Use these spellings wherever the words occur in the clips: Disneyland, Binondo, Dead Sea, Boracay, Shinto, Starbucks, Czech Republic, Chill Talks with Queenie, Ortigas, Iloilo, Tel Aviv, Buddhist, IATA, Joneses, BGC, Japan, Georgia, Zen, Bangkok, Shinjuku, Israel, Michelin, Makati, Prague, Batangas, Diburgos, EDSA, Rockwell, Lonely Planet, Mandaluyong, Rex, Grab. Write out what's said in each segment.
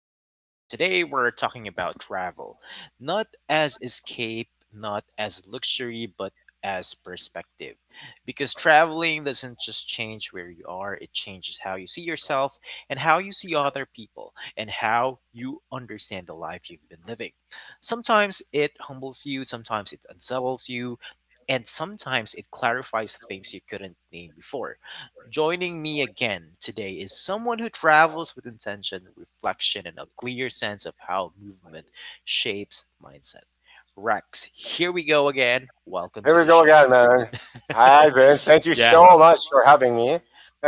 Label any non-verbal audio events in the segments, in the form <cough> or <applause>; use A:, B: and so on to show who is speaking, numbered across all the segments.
A: Vince, and today we're talking about travel. Not as escape, not as luxury, but as perspective. Because traveling doesn't just change where you are, it changes how you see yourself and how you see other people and how you understand the life you've been living. Sometimes it humbles you, sometimes it unsettles you, and sometimes it clarifies things you couldn't name before. Joining me again today is someone who travels with intention, reflection, and a clear sense of how movement shapes mindset. Rex, here we go again. Welcome
B: Here
A: to
B: we
A: the
B: go
A: show.
B: again, man. Hi, Ben. Thank you
A: Yeah,
B: so much for having me.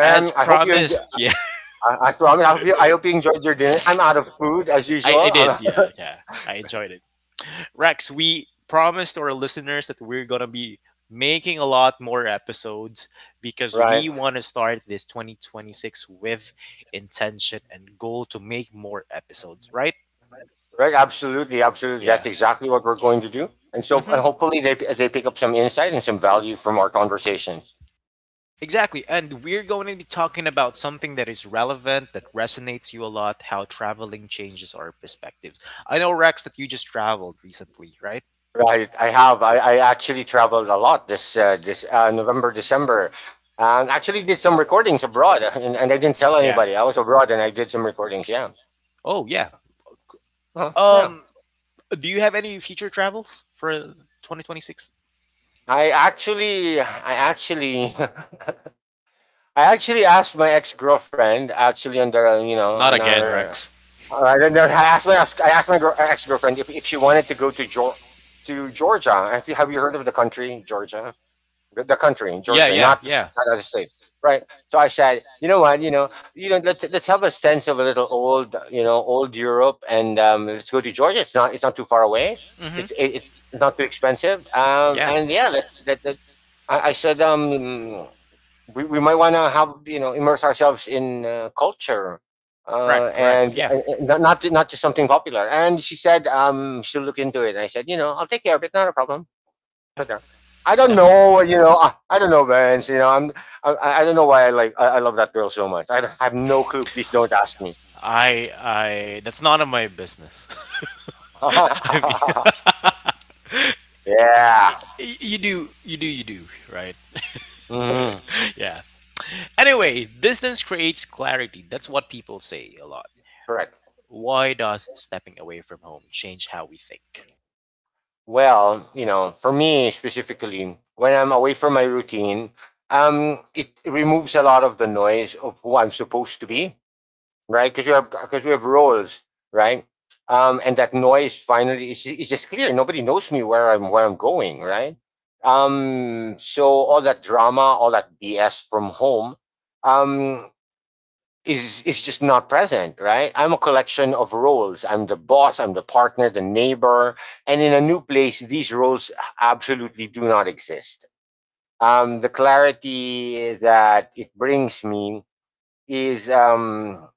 A: as
B: I hope you enjoy,
A: promised. Yeah,
B: I promise. I hope you.
A: <laughs>
B: I hope you enjoyed your dinner. I'm out of food as usual.
A: I did.
B: I'm-
A: Yeah, yeah, I enjoyed it. Rex, we promised our listeners that we're going to be making a lot more episodes
B: <laughs>
A: because
B: right.
A: we want to start this 2026 with intention and goal to make more episodes, right?
B: Right. Absolutely. Absolutely. That's
A: Yeah.
B: exactly what we're going to do. And so,
A: Hmm.
B: hopefully, they pick up some insight and some value from our conversation.
A: Exactly. And we're going to be talking about something that is relevant, that resonates you a lot, how traveling changes our perspectives. I know, Rex, that you just traveled recently, right?
B: Right. I have. I actually traveled a lot this November, December. Actually, did some recordings abroad, and I didn't tell
A: Yeah.
B: anybody. I was abroad, and I did some recordings. Yeah.
A: Oh, yeah.
B: Oh, yeah.
A: Um, do you have any future travels for 2026?
B: I actually, <laughs> I actually asked my ex girlfriend actually on the
A: Not
B: on
A: again,
B: our.
A: Rex.
B: I don't know, I asked my. I asked my ex girlfriend if, she wanted to go to to Georgia. Have you heard of the country Georgia? The country in
A: Yeah,
B: Georgia,
A: yeah,
B: not the
A: yeah.
B: not the state, right? So I said, you know what, let's have a sense of a little old, old Europe, and let's go to Georgia. It's not too far away.
A: Mm-hmm.
B: It's it, it's not too expensive.
A: Yeah.
B: And yeah, I said, we might want to have you know immerse ourselves in culture.
A: Correct, correct.
B: And
A: Yeah,
B: not just something popular. And she said, she'll look into it. And I said, you know, I'll take care of it. Not a problem shut down. I don't
A: definitely.
B: know, you know, I don't know, Vince. You know, I don't know why I like, I love that girl so much. I have no clue. Please don't ask me.
A: I That's none of my business. <laughs> I
B: <laughs>
A: mean,
B: yeah,
A: you do you do you do, right?
B: Mhm.
A: <laughs> Yeah. Anyway, distance creates clarity. That's what people say a lot.
B: Correct.
A: Why does stepping away from home change how we think?
B: Well, you know, for me specifically, when I'm away from my routine, it removes a lot of the noise of who I'm supposed to be, right? Because you have roles, right? And that noise finally is just clear. Nobody knows me where I'm going, right? So all that drama, all that BS from home, um, is just not present, right? I'm a collection of roles. I'm the boss, I'm the partner, the neighbor, and in a new place, these roles absolutely do not exist. The clarity that it brings me is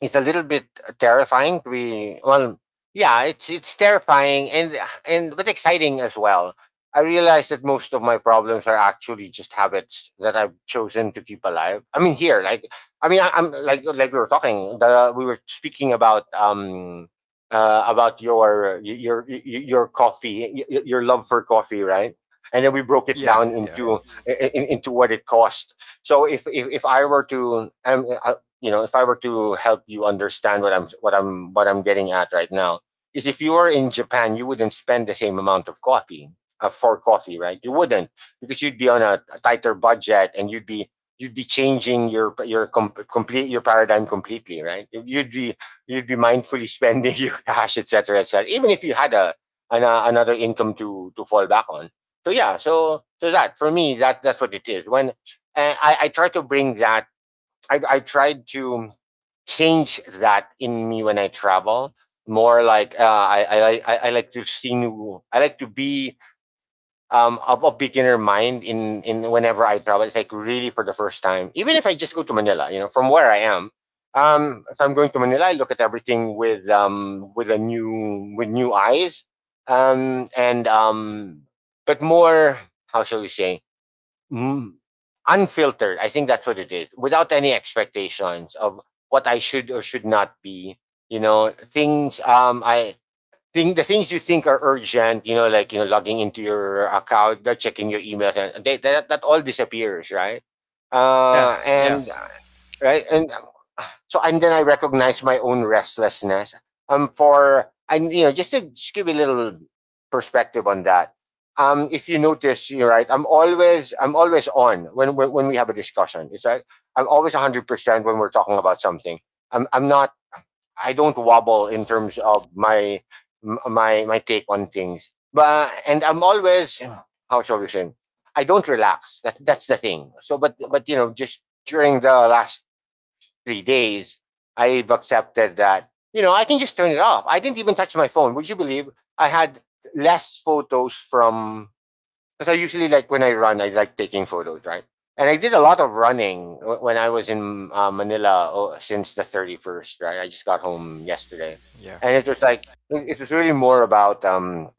B: it's a little bit terrifying to be, well, yeah, it's terrifying, and but exciting as well. I realize that most of my problems are actually just habits that I've chosen to keep alive. I mean, here like, I mean I, I'm like we were we were speaking about your your coffee, your love for coffee, right? And then we broke it
A: Yeah,
B: down
A: yeah,
B: into into what it cost. So, if I were to you know, if I were to help you understand what I'm what I'm what I'm getting at right now is if you were in Japan, you wouldn't spend the same amount of coffee, for coffee, right? You wouldn't, because you'd be on a tighter budget and you'd be changing your complete your paradigm completely, right? You'd be mindfully <laughs> spending your cash, etc., etc., even if you had a, another income to fall back on. So yeah, so that for me, that's what it is. When I try to bring that, I tried to change that in me when I travel. More like I like to see new. I like to be of a beginner mind in whenever I travel. It's like really for the first time. Even if I just go to Manila, you know, from where I am. If I'm going to Manila, I look at everything with a new, with new eyes. And but more, how shall we say? mm, unfiltered. I think that's what it is. Without any expectations of what I should or should not be. You know, things I think the things you think are urgent, you know, like logging into your account, checking your emails, and they, that that all disappears, right?
A: yeah,
B: And
A: yeah,
B: right, and so and then I recognized my own restlessness. For, and you know, just to just give you a little perspective on that. If you notice, you're right. I'm always on when when we have a discussion. It's like I'm always 100% when we're talking about something. I'm not. I don't wobble in terms of my take on things. But and I'm always, how shall we say? I don't relax. That's the thing. So, but you know, just during the last 3 days, I've accepted that, you know, I can just turn it off. I didn't even touch my phone. Would you believe I had less photos from, because I usually like when I run, I like taking photos, right? And I did a lot of running when I was in Manila, oh, since the 31st, right? I just got home yesterday.
A: yeah,
B: And it was like, it was really more about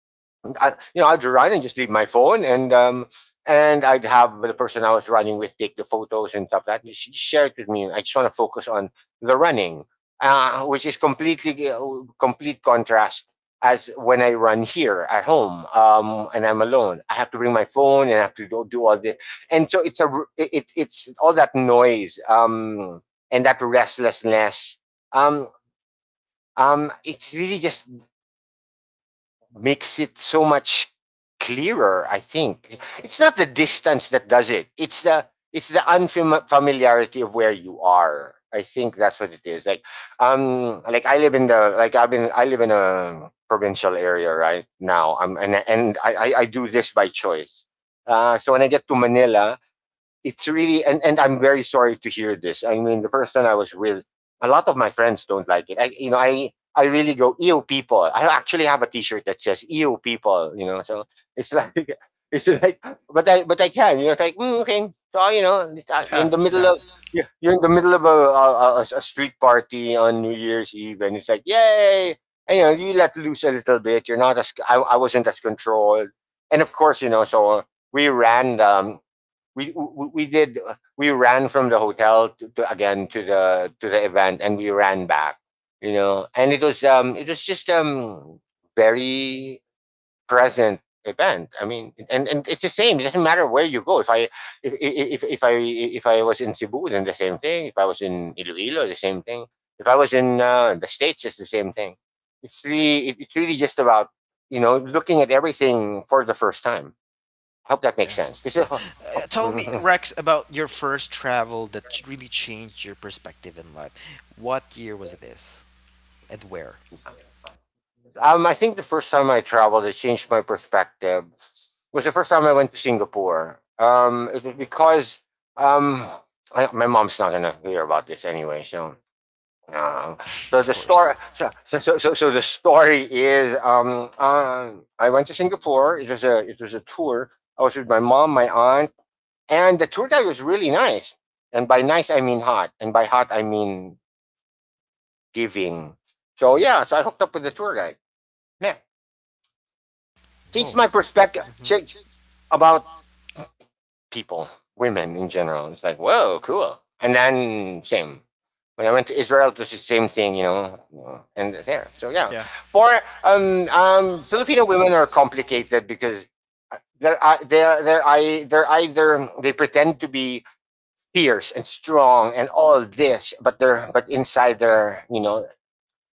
B: I, you know, I'd run and just leave my phone, and I'd have the person I was running with take the photos and stuff like that. She shared with me. I just want to focus on the running, which is completely complete contrast as when I run here at home, and I'm alone. I have to bring my phone and I have to do all this, and so it's a, it's all that noise, and that restlessness. Um, it's really just makes it so much clearer. I think it's not the distance that does it, it's the, it's the unfamiliarity of where you are. I think that's what it is like. Um like I live in the like I've been I live in a provincial area right now. I'm and, and I, I do this by choice. So when I get to Manila, it's really, and I'm very sorry to hear this. I mean, the person I was with, a lot of my friends don't like it. I You know, I really go EO people. I actually have a T-shirt that says EO people. You know, so it's <laughs> like, it's like, but I can. You know, it's like, mm, okay, so you know, you're
A: yeah,
B: in the middle
A: yeah,
B: of you're in the middle of a street party on New Year's Eve, and it's like, yay, and you know, you let loose a little bit. You're not as, I wasn't as controlled, and of course, you know, so we ran. We ran from the hotel to again to the event and we ran back. You know, and it was just very present event. I mean, and it's the same. It doesn't matter where you go. If I if I if I was in Cebu, then the same thing. If I was in Iloilo, the same thing. If I was in the States, it's the same thing. It's really just about, you know, looking at everything for the first time. I hope that makes
A: yeah,
B: sense, because
A: yeah. Tell me,
B: <laughs>
A: Rex, about your first travel that really changed your perspective in life. What year was this, and where?
B: I think the first time I traveled, it changed my perspective. Was the first time I went to Singapore. It was because um, my mom's not gonna hear about this anyway, so. Uh,
A: <laughs>
B: so
A: Of
B: the
A: course.
B: story, the story is, I went to Singapore. It was a, it was a tour. I was with my mom, my aunt, and the tour guide was really nice. And by nice, I mean hot, and by hot, I mean giving. So yeah, so I hooked up with the tour guide. Yeah.
A: Oh.
B: Changed my perspective,
A: Hmm.
B: changed about people, women in general. It's like, whoa, cool. And then same. When I went to Israel, it was the same thing, you know, and there. So yeah,
A: Yeah,
B: for Filipino women are complicated because uh, they're uh, they're they're, they're either they pretend to be fierce and strong and all this, but inside they're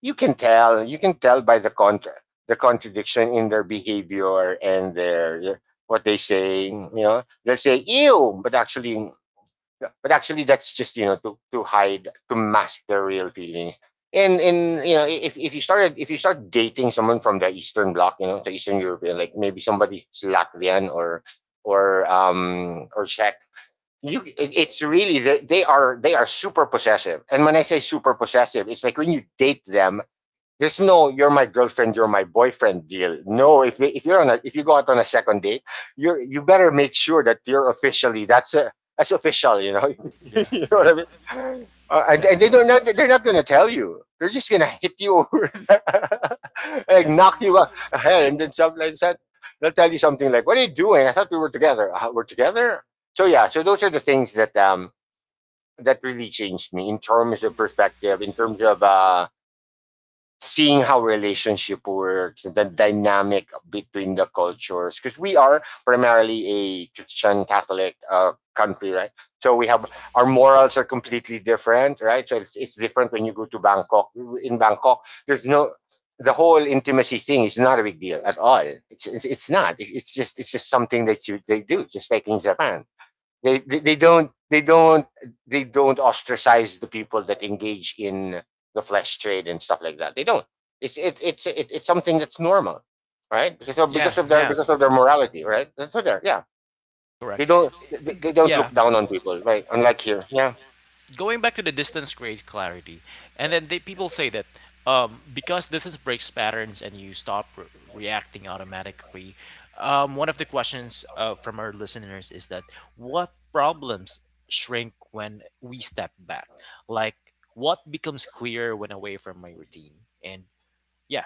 B: you can tell. You can tell by the contradiction in their behavior, and their yeah, what they say. They'll say ew, but actually that's just to hide to mask their real feelings. And you know if if you started if you start dating someone from the Eastern Bloc, the Eastern European, like maybe somebody who's Latvian or Czech, it's really, they are super possessive. And when I say super possessive, it's like, when you date them, there's no "you're my girlfriend, you're my boyfriend" deal. No, if you're if you go out on a second date, you better make sure that you're officially that's official. You know,
A: yeah,
B: <laughs> you know
A: yeah,
B: what I mean. Uh, and,
A: yeah,
B: and they don't not, they're not gonna tell you. They're just gonna hit you over the, <laughs> like
A: yeah,
B: knock you up, and then something like that. They'll tell you something like, "What are you doing? I thought we were together. We're together." So yeah, so those are the things that that really changed me in terms of perspective, in terms of seeing how relationship works, the dynamic between the cultures, because we are primarily a Christian Catholic country, right? So we have Our morals are completely different, right? So it's different when you go to Bangkok. In Bangkok, there's no, the whole intimacy thing is not a big deal at all. It's not. It's just something that you, they do, just like in Japan. They, they they don't they don't they don't ostracize the people that engage in the flesh trade and stuff like that. They don't. It's something that's normal, right?
A: yeah, yeah.
B: Because of their morality, right? That's what they're Yeah. They
A: Correct.
B: don't they, they don't
A: Yeah,
B: look down on people, right? Unlike here, yeah.
A: yeah. Going back to the distance creates clarity, and then people say that, because distance breaks patterns and you stop reacting automatically. One of the questions from our listeners is that, what problems shrink when we step back, like what becomes clear when away from my routine. And yeah.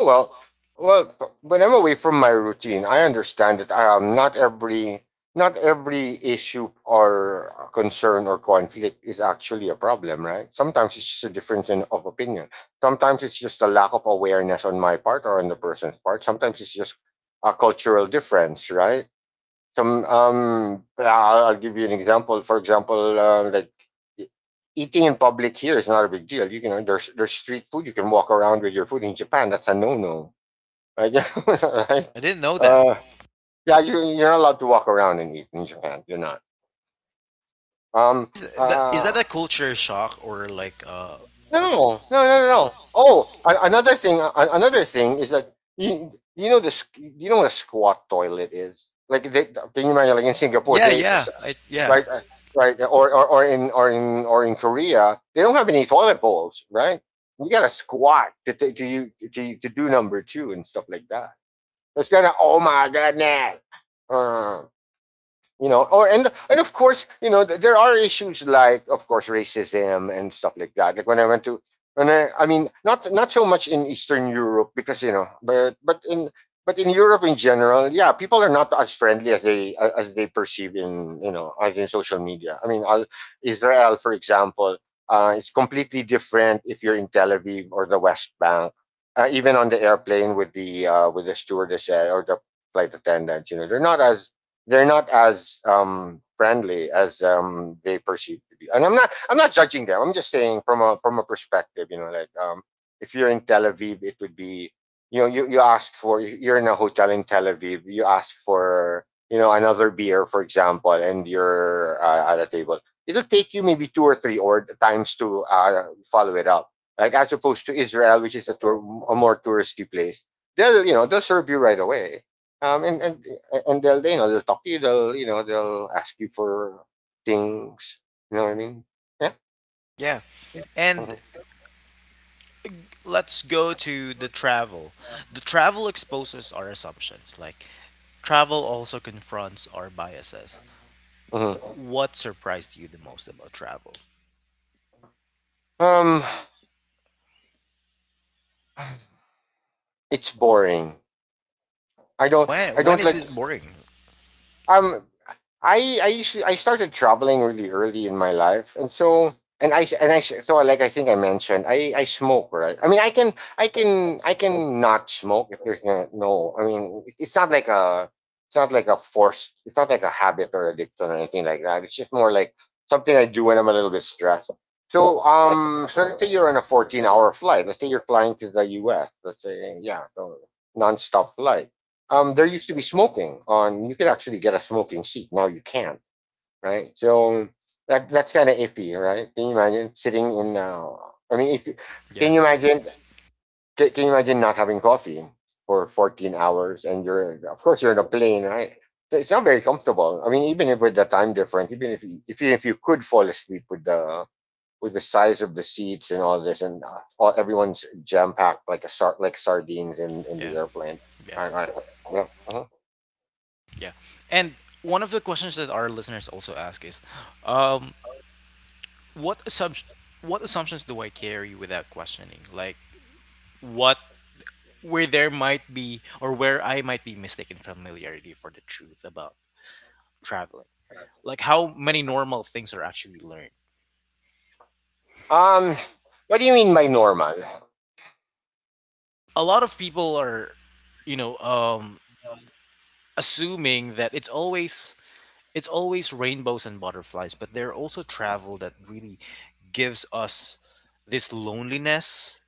B: Well, well, when I'm away from my routine, I understand that not every issue or concern or conflict is actually a problem, right? Sometimes it's just a difference of opinion. Sometimes it's just a lack of awareness on my part or on the person's part. Sometimes it's just a cultural difference, right? some I'll give you an example. For example, like, e- eating in public here is not a big deal. You can There's street food. You can walk around with your food. In Japan, that's a no no, right? <laughs> Right?
A: I didn't know that.
B: Uh, yeah, you're not allowed to walk around and eat in Japan. You're not. Um.
A: Is that
B: Uh,
A: a culture shock, or like
B: no, no, no, no. No. Oh, another thing. Another thing is that you know this. You know what a squat toilet is. Can you imagine? Like in Singapore,
A: yeah,
B: they
A: yeah. I Yeah.
B: right? Right, or in or in or in Korea, they don't have any toilet bowls, right? You gotta squat to do number two and stuff like that. It's kind of, oh my goodness. Uh, you know or and of course, there are issues, like, of course, racism and stuff like that, like when I went to, when I mean not not so much in Eastern Europe because but in Europe in general, yeah, people are not as friendly as they perceive in you know as in social media. I mean i Israel, for example, it's completely different if you're in Tel Aviv or the West Bank. Even on the airplane with the stewardess, or the flight attendants, they're not as, friendly as they perceive to be. And I'm not judging them. I'm just saying, from a perspective, you know, like, if you're in Tel Aviv, it would be, you, you ask for, you're in a hotel in Tel Aviv, you ask for, another beer, for example, and you're at a table. It'll take you maybe two or three or times to follow it up. Like, as opposed to Israel, which is a, a more touristy place, they'll, they'll serve you right away. Um, and and and they'll, they'll talk to you. They'll, they'll ask you for things. You know what I mean? Yeah.
A: Yeah. And
B: Mhm.
A: let's go to the travel. The travel exposes our assumptions. Like travel also confronts our biases.
B: Mhm.
A: What surprised you the most about travel?
B: Um, it's boring. I don't
A: When
B: I
A: when
B: don't
A: is
B: like.
A: this boring?
B: Um, I usually, I started traveling really early in my life, and so and I so like, I think I mentioned, I smoke, right? I mean, I can not smoke if there's no, no, I mean, it's not like a habit or addiction or anything like that. It's just more like something I do when I'm a little bit stressed. So, so let's say you're on a 14-hour flight. Let's say you're flying to the U.S. Let's say, yeah, so, non-stop flight. There used to be smoking on. You could actually get a smoking seat. Now you can't, right? So that's kind of iffy, right? Can you imagine sitting in? I mean, if can
A: Yeah,
B: you imagine? Can you imagine not having coffee for 14 hours, and you're, of course, you're in a plane, right? So it's not very comfortable. I mean, even if, with the time difference, even if if you could fall asleep, with the size of the seats and all this, and everyone's jam packed, like a like sardines in
A: yeah,
B: the airplane.
A: yeah,
B: All right. Yeah. Uh-huh.
A: yeah. And one of the questions that our listeners also ask is, um, what assumption, what assumptions do I carry without questioning? Like what, where there might be, or where I might be mistaken familiarity for the truth about traveling, like how many normal things are actually learned.
B: Um, what do you mean by normal?
A: A lot of people are, you know, um, assuming that it's always rainbows and butterflies, but there are also travel that really gives us this loneliness.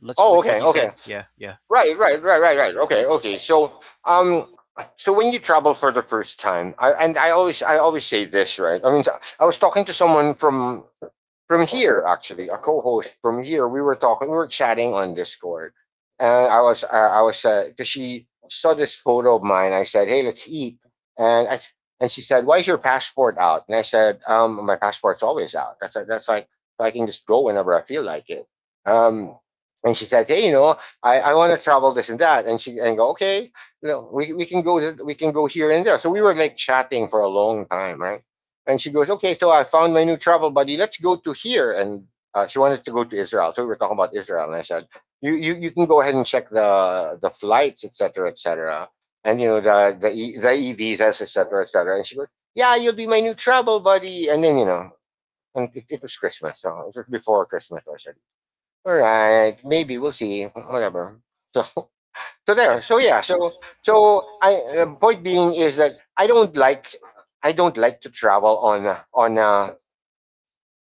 A: Let's,
B: Oh,
A: like what
B: okay,
A: you said.
B: okay.
A: Yeah, yeah,
B: Right, right, right, right, right. Okay, okay. So, so when you travel for the first time, I always say this, right? I mean, so, I was talking to someone from, here, actually, a co-host from here. We were chatting on Discord, and I was I was, because she saw this photo of mine, I said, "Hey, let's eat." and i and she said, "Why is your passport out?" And I said, my passport's always out. That's like, so I can just go whenever I feel like it. um and she said, "Hey, you know, I want to travel this and that." And she, and I go, "Okay, no, we can go we can go here and there." So we were, like, chatting for a long time, right? And she goes, "Okay, so I found my new travel buddy. Let's go to here." And she wanted to go to Israel. So we were talking about Israel. And I said, you can go ahead and check the flights, et cetera, et cetera. And, you know, the, the e-visas, et cetera, et cetera. And she goes, "Yeah, you'll be my new travel buddy." And then, you know, and it was Christmas. So it was before Christmas. So I said, all right, maybe we'll see, whatever. So <laughs> so
A: yeah,
B: there. So yeah. So, so I, point being is that I don't like, I don't like to travel on,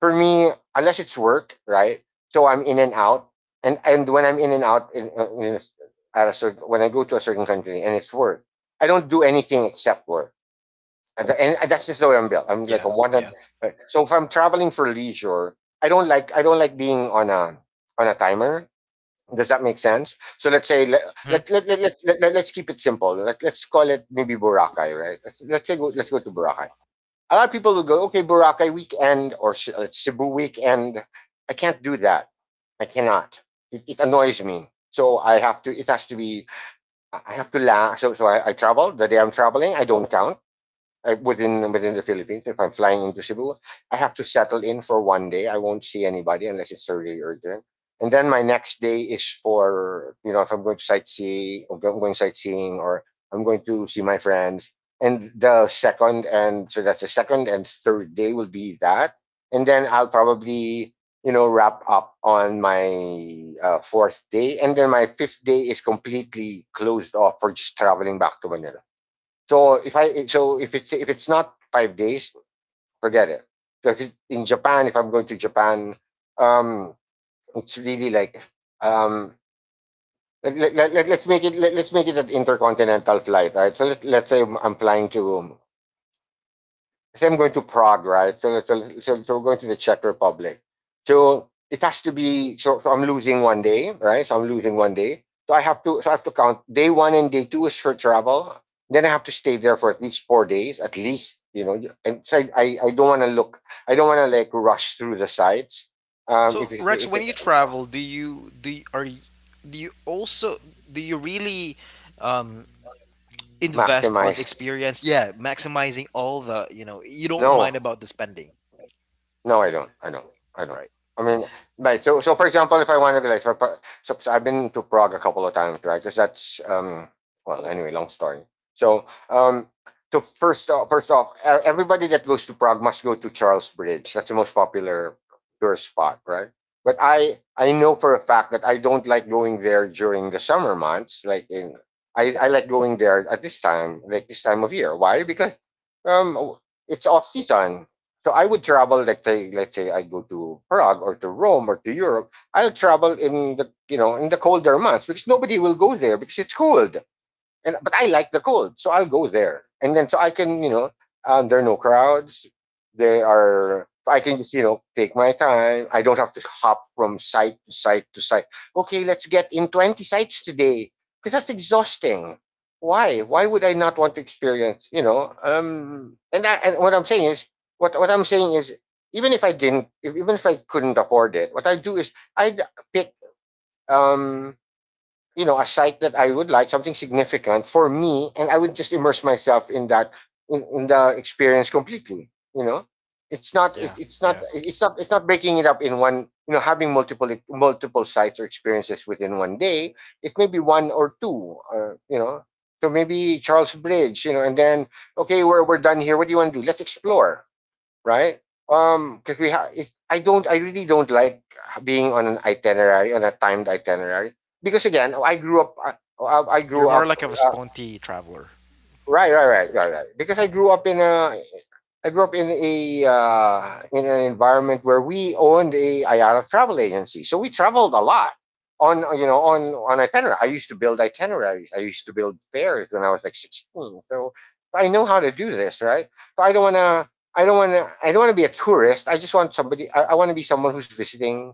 B: for me, unless it's work, right? So I'm in and out, and when I'm in and out, in a at a certain, when I go to a certain country and it's work, I don't do anything except work, and and that's just the way I'm built. I'm like
A: yeah,
B: a one.
A: yeah.
B: So if I'm traveling for leisure, I don't like being on a timer. Does that make sense? So let's say,
A: Mm-hmm.
B: let us keep it simple. Let's call it maybe Boracay, right? Let's say go, let's go to Boracay. A lot of people will go, okay, Boracay weekend or Cebu weekend. I can't do that. I cannot. It annoys me. So I have to. It has to be. I have to laugh. So, so I travel the day I'm traveling. I don't count within the Philippines. If I'm flying into Cebu, I have to settle in for one day. I won't see anybody unless it's really urgent. And then my next day is for, you know, if I'm going to sightsee, or I'm going sightseeing, or I'm going to see my friends. And the second and so that's the second and third day will be that. And then I'll probably, you know, wrap up on my 4th day, and then my 5th day is completely closed off for just traveling back to Manila. So if I, so if it's, if it's not 5 days, forget it. So if it, in Japan, if I'm going to Japan, um, it's really like, um, let us make it, us make it an intercontinental flight, right? So let's say I'm flying to, so I'm going to Prague, right? So, so we're going to the Czech Republic. So it has to be. So I'm losing 1 day, right? So I'm losing 1 day. So I have to count day one and day two is for travel. Then I have to stay there for at least 4 days, at least. You know, and so I don't want to look. I don't want to like rush through the sites.
A: So Rex,
B: If
A: when
B: it's
A: you travel, do you, do you also do you really um, invest on
B: maximize,
A: experience? Yeah, maximizing all the, you don't
B: no.
A: mind about the spending,
B: No, I don't. I don't. I don't.
A: right?
B: I mean, right. So for example, if I wanted to, like, I've been to Prague a couple of times, right? Because that's, well, anyway, long story. So, um, so first off, everybody that goes to Prague must go to Charles Bridge. That's the most popular tourist spot, right? But I know for a fact that I don't like going there during the summer months. I like going there at this time, like this time of year. Why? Because, um, it's off season, so I would travel, like say, let's say I go to Prague or to Rome or to Europe. I'll travel in the, you know, in the colder months because nobody will go there because it's cold, and but I like the cold, so I'll go there. And then so I can, there are no crowds. There are I can just, you know, take my time. I don't have to hop from site to site to site. Okay, let's get in 20 sites today. Because that's exhausting. Why? Why would I not want to experience, you know? And what I'm saying is, what I'm saying is, even if I didn't, if even if I couldn't afford it, what I do is, I pick, um you know, a site that I would like, something significant for me, and I would just immerse myself in that, in the experience completely. You know, it's not
A: Yeah,
B: it, it's not
A: yeah.
B: it's not it's not breaking it up in one. You know, having multiple sites or experiences within 1 day. It may be one or two. You know, so maybe Charles Bridge. You know, and then, okay, we're done here. What do you want to do? Let's explore, right? Because we have, I really don't like being on an itinerary, on a timed itinerary, because again, I
A: You're
B: grew
A: more
B: up,
A: like of a
B: uh,
A: sponty traveler.
B: right, right, right, right, right. Because I grew up in a, I grew up in a, in an environment where we owned a IATA travel agency, so we traveled a lot on, you know, on itinerary. I used to build itineraries. I used to build fares when I was like 16, so I know how to do this, right? So I don't want to. I don't want to. I don't want to be a tourist. I just want somebody. I want to be someone who's visiting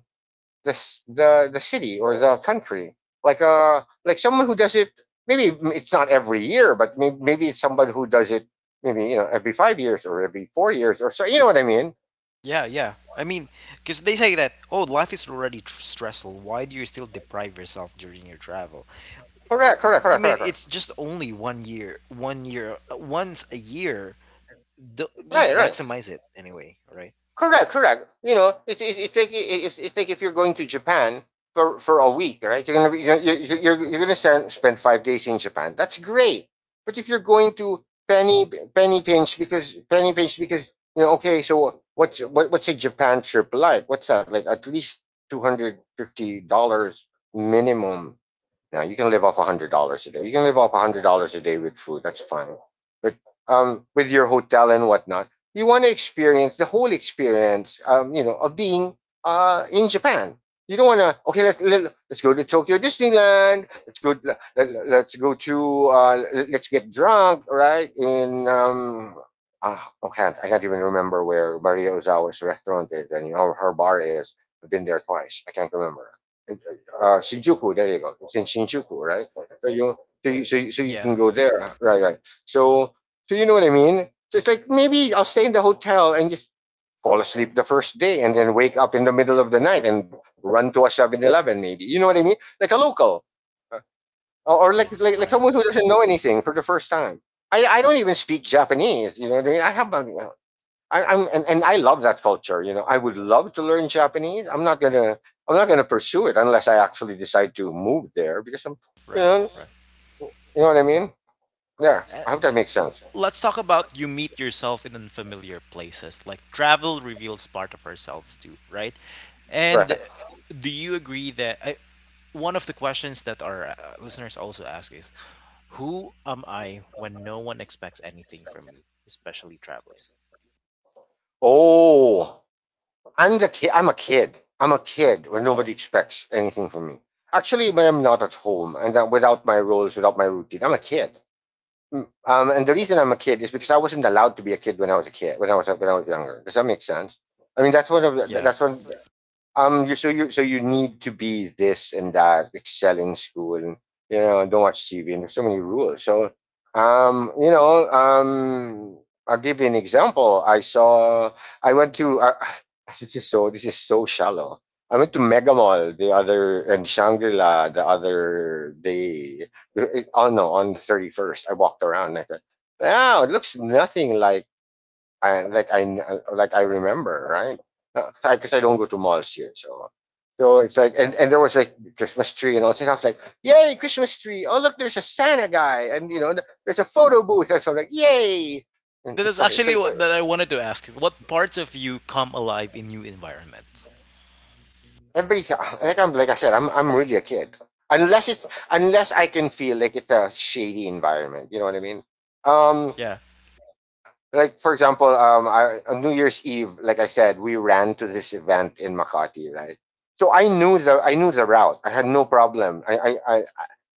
B: the the city or the country. Like, like someone who does it. Maybe it's not every year, but maybe it's somebody who does it. Maybe, you know, every 5 years or every 4 years or so. You know what I mean?
A: Yeah, yeah. I mean, because they say that, oh, life is already stressful. Why do you still deprive yourself during your travel? It,
B: Correct, correct,
A: I
B: correct,
A: mean,
B: correct, correct.
A: it's just only one year, once a year. Just
B: Right, right.
A: maximize it anyway, right?
B: Correct, correct. You know, it's it, it's like if you're going to Japan for a week, right? You're gonna be you're gonna spend 5 days in Japan. That's great. But if you're going to penny pinch because, you know, okay, so what's a Japan trip like? What's that like? At least $250 minimum. Now you can live off $100 a day. You can live off $100 a day with food. That's fine. But, with your hotel and whatnot, you want to experience the whole experience. You know, of being, in Japan. You don't want to. Okay, let's go to Tokyo Disneyland. Let's go. Let's go to. Us get drunk, right? In uh, I can't. I can't even remember where Maria Ozawa's restaurant is, and, you know, her bar is. I've been there twice. I can't remember, Shinjuku. There you go. It's in Shinjuku, right? So you, so you
A: Yeah,
B: can go there, right? Right. So, so you know what I mean? So it's like maybe I'll stay in the hotel and just fall asleep the first day, and then wake up in the middle of the night and run to a 7-Eleven, maybe. You know what I mean? Like a local. Uh, or
A: right,
B: like
A: right,
B: someone who doesn't know anything for the first time. I don't even speak Japanese. You know what I mean? I have my I, I'm and I love that culture. You know, I would love to learn Japanese. I'm not gonna pursue it unless I actually decide to move there, because I'm, you
A: right,
B: know,
A: right.
B: you know what I mean. Yeah,
A: Uh,
B: I hope that makes sense.
A: let's talk about you meet yourself in unfamiliar places. Like travel reveals part of ourselves too, right? And
B: Right.
A: do you agree that, one of the questions that our listeners also ask is, who am I when no one expects anything from me, especially traveling?
B: Oh, I'm the kid. I'm a kid. I'm a kid when nobody expects anything from me. Actually, when I'm not at home, and that, without my roles, without my routine, I'm a kid. And the reason I'm a kid is because I wasn't allowed to be a kid when I was a kid, when I was younger. Does that make sense? I mean, that's one of the,
A: Yeah.
B: that's one. Um, you, so you, so you need to be this and that, excel in school, and, you know, don't watch TV, and there's so many rules. So, um you know um I'll give you an example. I went to, <laughs> <sighs> this is so, this is so shallow. I went to Mega Mall the other, and Shangri-La the other day. Oh no, on the 31st, I walked around and I thought, wow, it looks nothing like, I like I like I remember, right? Because I don't go to malls here, so, so it's like, and there was like Christmas tree and all this. I was like, yay, Christmas tree! Oh look, there's a Santa guy, and, you know, there's a photo booth. And so I'm like, yay! And
A: That is
B: stuff.
A: actually
B: So, so
A: what that I wanted to ask. What parts of you come alive in new environments?
B: everybody's like, I said, I'm really a kid. Unless it's unless I can feel like it's a shady environment, you know what I mean? Um,
A: Yeah.
B: like for example, I, on New Year's Eve, like I said, we ran to this event in Makati, right? So I knew the, I knew the route. I had no problem.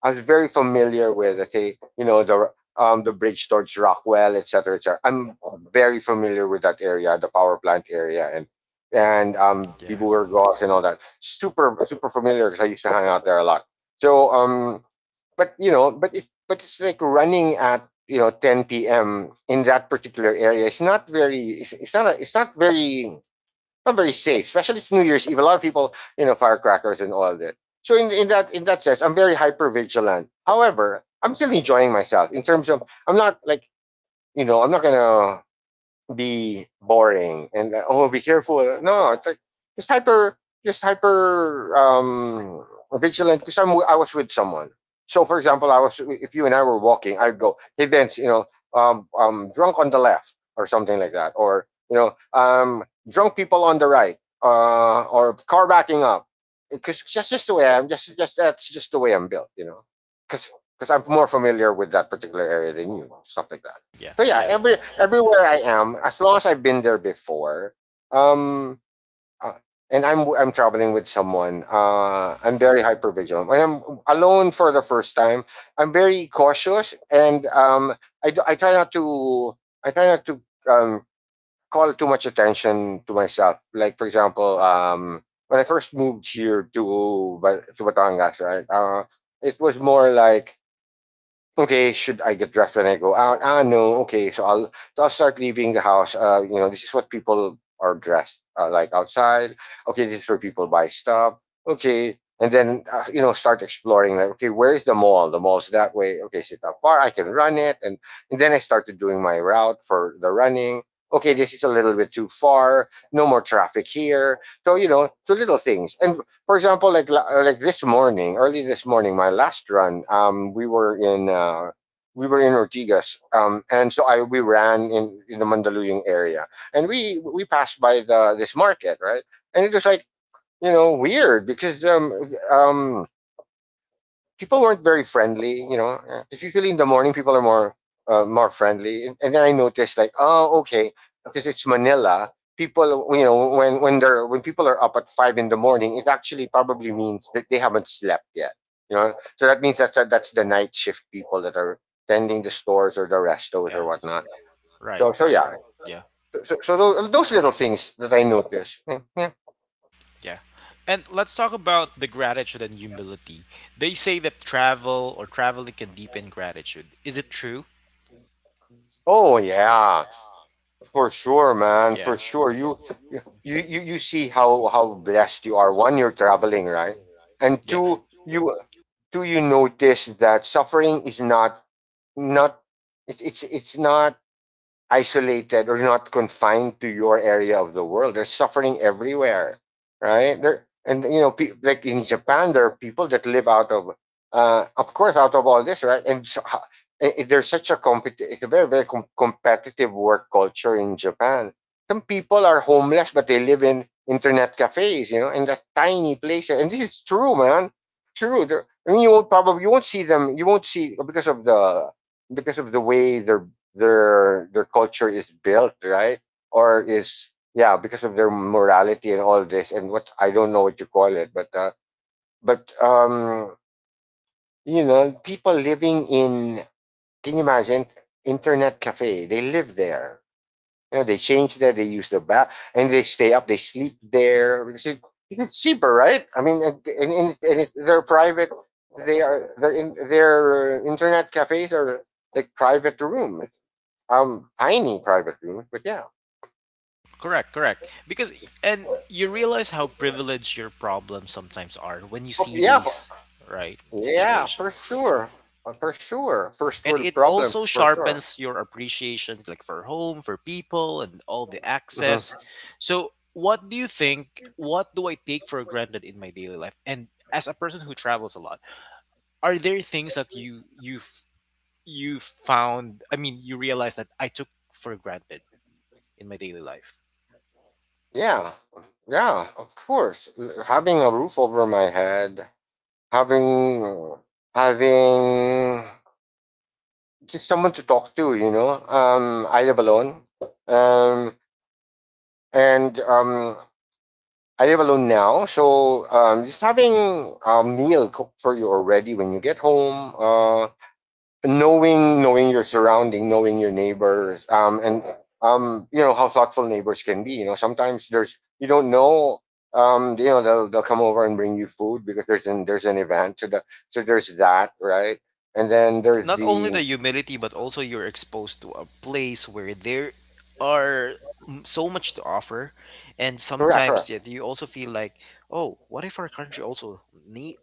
B: I was very familiar with, okay, you know, the bridge towards Rockwell, etc. Cetera, et cetera. I'm very familiar with that area, the power plant area, and,
A: Yeah.
B: Diburgos and all that. Super super familiar because I used to hang out there a lot. So, but you know, but if but it's like running at, you know, 10 p.m. in that particular area. It's not very. Not very safe, especially it's New Year's Eve. A lot of people, you know, firecrackers and all that. So in that, in that sense, I'm very hyper vigilant. However, I'm still enjoying myself in terms of I'm not like, you know, I'm not gonna be boring and, oh be careful, no it's like just hyper, just hyper um vigilant because I was with someone. So for example, I was if you and I were walking, I'd go, hey Vince, you know, drunk on the left or something like that, or, you know, drunk people on the right, uh, or car backing up, because that's just the way, I'm just that's just the way I'm built, you know, because because I'm more familiar with that particular area than you. Stuff like that.
A: Yeah.
B: So yeah,
A: Yeah.
B: everywhere I am, as long as I've been there before, um, uh, and I'm traveling with someone, I'm very hyper vigilant. When I'm alone for the first time, I'm very cautious, and, I try not to, I try not to um call too much attention to myself. Like for example, when I first moved here to to Batangas, right? It was more like, okay, should I get dressed when I go out? Ah, no. Okay, so I'll, so I'll start leaving the house. You know, this is what people are dressed, like outside. Okay, this is where people buy stuff. Okay, and then, you know, start exploring. Like, okay, where is the mall? The mall's that way. Okay, so it's not far. I can run it, and then I started doing my route for the running. Okay, this is a little bit too far. No more traffic here. So you know, so little things, and for example, like this morning, early this morning, my last run, we were in Ortigas, and so I we ran in the Mandaluyong area, and we passed by the this market, right? And it was like, you know, weird because um people weren't very friendly. You know, usually in the morning people are more more friendly, and then I noticed, like, oh, okay, because it's Manila. People, you know, when they're when people are up at 5 in the morning, it actually probably means that they haven't slept yet. You know, so that means that's the night shift people that are tending the stores or the restos
A: Yeah.
B: or whatnot.
A: Right,
B: So so
A: right.
B: yeah,
A: Yeah.
B: so so, so those little things that I noticed. Yeah, yeah.
A: Yeah. And let's talk about the gratitude and humility. They say that travel, or traveling, can deepen gratitude. Is it true?
B: Oh, yeah. For sure, man. For
A: Yeah.
B: sure. You see how blessed you are. One, you're traveling, right? And
A: Yeah.
B: two you notice that suffering is not not it, it's not isolated or not confined to your area of the world. There's suffering everywhere, right? There, and, you know, like in Japan, there are people that live out of course, out of all this, right? And so, ho- I- There's such a it's a very competitive work culture in Japan. Some people are homeless, but they live in internet cafes, you know, in the tiny places. And this is true, man. True. There, I mean, you won't see them. You won't see because of the way their culture is built, right? Or is, yeah, because of their morality and all this and what, I don't know what you call it, but you know, people living in, can you imagine, internet cafe, they live there, you know, they change there, they use the bath and they stay up, they sleep there. It's cheaper, right? I mean, and it, they're private, they are, their, in their internet cafes are like private rooms. Tiny private rooms, but yeah.
A: Correct, correct. Because, and you realize how privileged your problems sometimes are when you
B: Oh,
A: see
B: yeah, for,
A: these right
B: yeah,
A: situations.
B: for sure. For sure. First
A: And
B: world
A: it also
B: problems, for sure.
A: sharpens your appreciation, like for home, for people, and all the access.
B: Hmm.
A: So what do you think, what do I take for granted in my daily life, and as a person who travels a lot, are there things that you found, I mean, you realize that I took for granted in my daily life,
B: Yeah, yeah, of course. Having a roof over my head, having having just someone to talk to, you know. I live alone. Um, and I live alone now, so, just having a meal cooked for you already when you get home. Knowing your surrounding, knowing your neighbors, and, you know how thoughtful neighbors can be. You know, sometimes there's you don't know. You know, they'll come over and bring you food because there's an event. So the, so there's that, right? And then there's
A: not only the
B: the
A: humility, but also you're exposed to a place where there are, so much to offer, and
B: correct,
A: sometimes
B: correct.
A: yet you also feel like, oh, what if our country also need,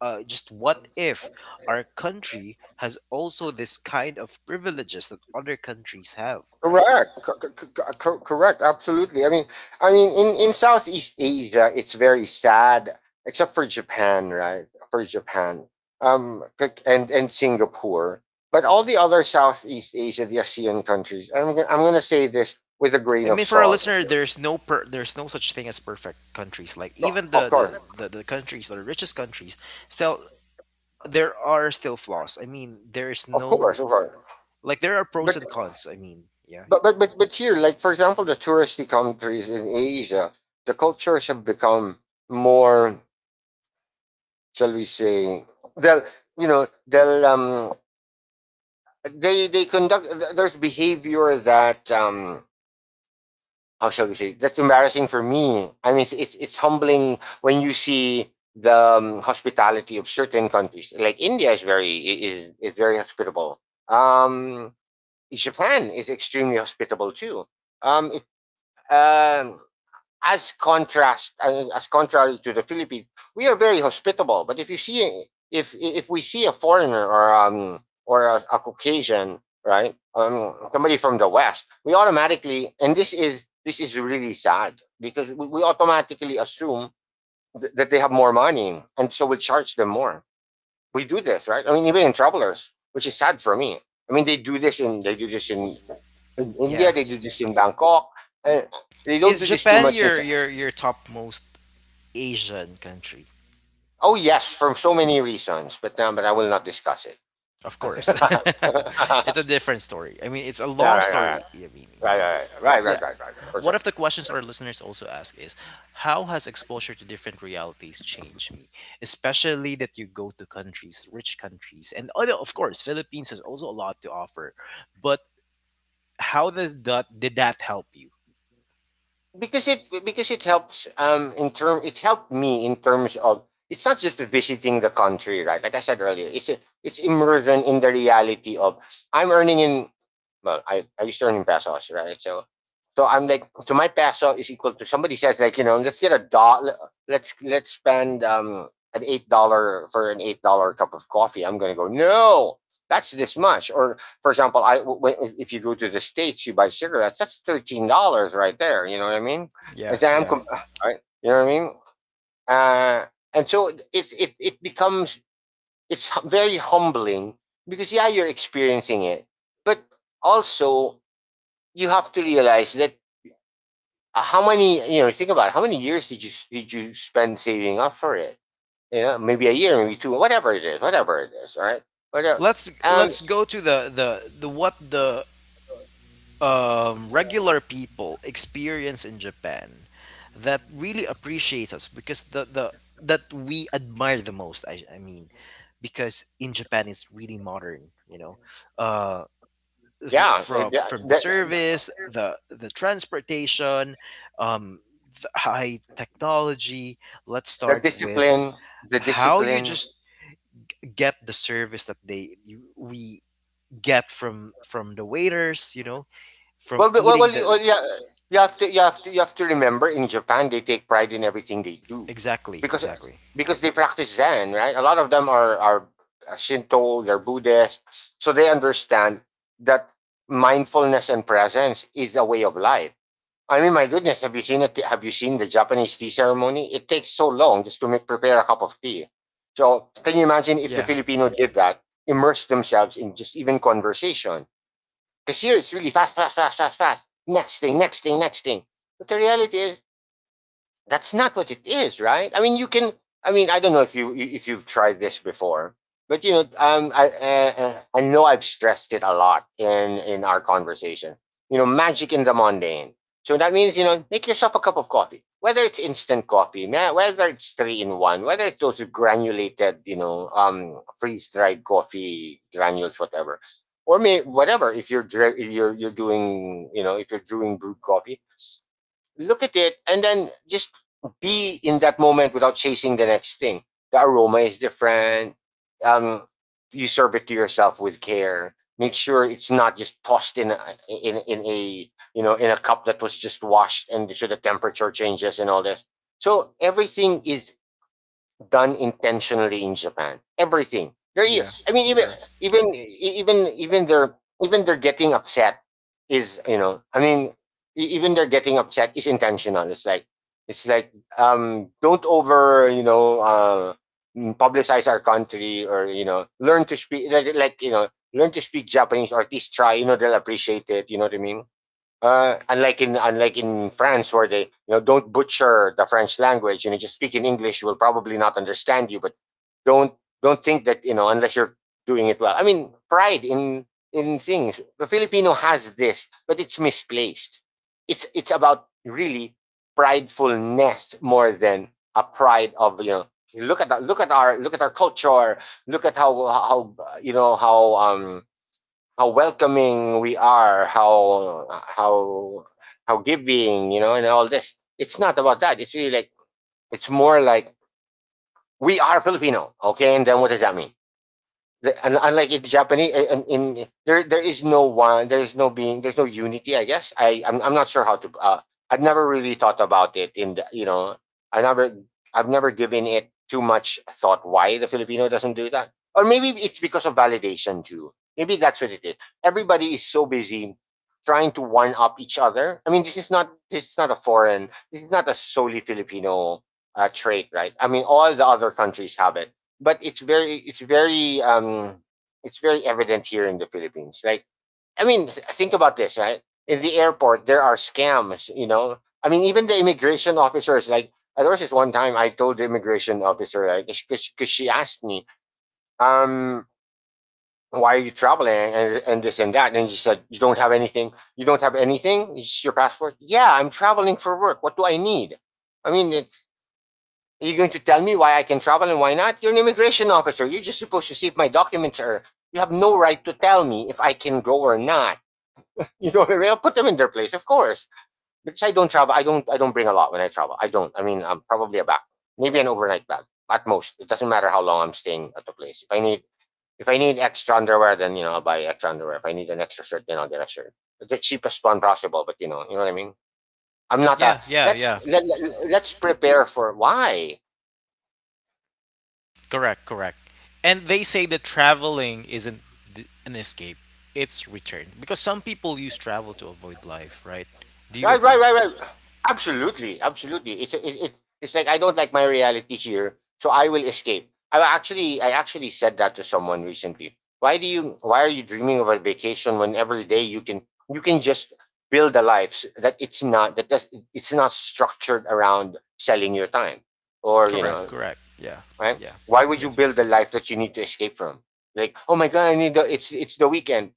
A: just what if our country has also this kind of privileges that other countries have, right?
B: Correct. Correct. Absolutely. I mean, in Southeast Asia, it's very sad, except for Japan, right? For Japan, and Singapore, but all the other Southeast Asia, the ASEAN countries. And I'm gonna say this with a
A: I
B: grain of
A: mean, for our
B: salt.
A: listener, there's no there's no such thing as perfect countries. Like, even
B: Of
A: the
B: course,
A: the, the, the countries, the richest countries, still there are still flaws. I mean, there is no,
B: of course.
A: like, there are pros
B: But
A: and cons. I mean, yeah,
B: but but here, like for example, the touristy countries in Asia, the cultures have become more. Shall we say they'll, you know, they'll, um, they conduct, there's behavior that, um, how shall we say, that's embarrassing for me. I mean, it's humbling when you see the, hospitality of certain countries. Like India is very, is very hospitable. Um, Japan is extremely hospitable too. um it, um as contrast, as contrary to the Philippines, we are very hospitable. But if you see, if we see a foreigner or, um, or a Caucasian, right, somebody from the West, we automatically, and this is really sad because we automatically assume that they have more money, and so we charge them more. We do this, right? I mean, even in travelers, which is sad for me. I mean, they do this in India,
A: yeah.
B: they do this in Bangkok. And they don't
A: Is
B: do this too
A: Japan
B: much in,
A: your top most Asian country?
B: oh, yes, for so many reasons, but, but I will not discuss it.
A: Of
B: <laughs>
A: course,
B: Right,
A: <laughs>
B: right,
A: it's a different story. I mean, it's a
B: right,
A: long
B: right,
A: story. I mean, you
B: right, right,
A: know.
B: right, right, right, right, right, right, for
A: One
B: sure.
A: of the questions our listeners also ask is, how has exposure to different realities changed me? Especially that you go to countries, rich countries, and other, of course, Philippines has also a lot to offer. But did that help you?
B: Because it helps, um, in term, it helped me in terms of, it's not just visiting the country, right? Like I said earlier, it's immersion in the reality of. I'm earning in, well, I used to earn in pesos, right? So so I'm like, so my peso is equal to. Somebody says, like, you know, let's get a dollar, let's spend, um, an $8, for an $8 cup of coffee, I'm gonna go, no, that's this much. Or for example, I, if you go to the states, you buy cigarettes. That's $13 right there. You know what I mean?
A: Yeah,
B: And then
A: yeah.
B: I'm, right? You know what I mean? Uh, and so it, it becomes, it's very humbling because, yeah, you're experiencing it, but also you have to realize that, how many, you know, think about it, how many years did you, spend saving up for it? You know, maybe a year, maybe two, whatever it is, whatever it is. All right, whatever.
A: Let's
B: Um,
A: let's go to the regular people experience in Japan, that really appreciates us because the that we admire the most. I mean, because in Japan it's really modern. Uh,
B: yeah,
A: from
B: yeah,
A: from the service, the transportation, um, the high technology. Let's
B: the
A: start with
B: discipline, the
A: how you
B: discipline.
A: just get the service that we get from the waiters, from
B: Well, but- well, well,
A: eating
B: you,
A: the
B: well, yeah, you have to remember, in Japan they take pride in everything they do,
A: exactly,
B: because
A: exactly.
B: they practice Zen, right? A lot of them are, Shinto, they're Buddhist, so they understand that mindfulness and presence is a way of life. I mean, my goodness, have you seen it? Have you seen the Japanese tea ceremony? It takes so long just to make, prepare a cup of tea. So, can you imagine if the
A: Yeah.
B: Filipino did that, immerse themselves in just even conversation? Because here it's really fast, fast, fast, fast, fast. Next thing, next thing, next thing. But the reality is, that's not what it is, right? I mean, you can. I mean, I don't know if you've tried this before, but, you know, I know I've stressed it a lot in our conversation. You know, magic in the mundane. So that means, you know, make yourself a cup of coffee, whether it's instant coffee, whether it's 3-in-1, whether it's those granulated, you know, freeze dried coffee granules, whatever, or may whatever. If you're dri- You're doing, you know, if you're doing brewed coffee, look at it and then just be in that moment without chasing the next thing. The aroma is different. Um, you serve it to yourself with care. Make sure it's not just tossed in a, in in a, you know, in a cup that was just washed, and so the temperature changes and all this. So everything is done intentionally in Japan. Everything.
A: Yeah,
B: I mean,
A: correct.
B: even they're, even they're getting upset is, you know. I mean, even they're getting upset is intentional. It's like, it's like don't over, you know, publicize our country, or, you know, learn to speak, like, you know, learn to speak Japanese, or at least try. You know, they'll appreciate it. You know what I mean? Unlike in France, where they, you know, don't butcher the French language, you know, just speak in English, will probably not understand you. But don't don't think that, you know, unless you're doing it well. I mean, pride in things. The Filipino has this, but it's misplaced. It's about, really, pridefulness more than a pride of, you know, look at the, look at our culture, look at how, you know, how, um, how welcoming we are, how giving, you know, and all this. It's not about that. It's really like, it's more like, we are Filipino, okay? And then what does that mean? Unlike in Japanese, in there, is no one, there is no being, there's no unity. I guess I, I'm not sure how to. I've never really thought about it. In the, you know, I never I've never given it too much thought. Why the Filipino doesn't do that, or maybe it's because of validation too. Maybe that's what it is. Everybody is so busy trying to one up each other. I mean, this is not a foreign. This is not a solely Filipino, trait, right? I mean, all the other countries have it, but it's very it's very evident here in the Philippines. Like, I mean, think about this, right? In the airport, there are scams. You know, I mean, even the immigration officers. Like, there was this one time I told the immigration officer, like, because she asked me, um, why are you traveling and this and that, and she said, you don't have anything. You don't have anything. It's your passport. Yeah, I'm traveling for work. What do I need? I mean, it, are you going to tell me why I can travel and why not? You're an immigration officer. You're just supposed to see if my documents are. You have no right to tell me if I can go or not. <laughs> You know what I mean? I'll put them in their place, of course. Because I don't travel. I don't. I don't bring a lot when I travel. I don't. I mean, I'm probably a bag, maybe an overnight bag at most. It doesn't matter how long I'm staying at the place. If I need extra underwear, then you know I'll buy extra underwear. If I need an extra shirt, then I'll get a shirt. The cheapest one possible, but you know what I mean. I'm not a
A: Yeah, yeah,
B: let's
A: yeah.
B: let, let, let's prepare for why.
A: Correct, correct. And they say that traveling isn't an escape, it's return. Because some people use travel to avoid life, right? Do you
B: Right,
A: agree?
B: right, right, right. Absolutely, absolutely. It's like I don't like my reality here, so I will escape. I actually said that to someone recently. Why are you dreaming of a vacation when every day you can just build a life that it's not structured around selling your time or you
A: Correct,
B: know,
A: correct. Yeah,
B: right?
A: yeah,
B: Why would
A: yeah.
B: you build a life that you need to escape from? Like, oh my god, I need the it's the weekend.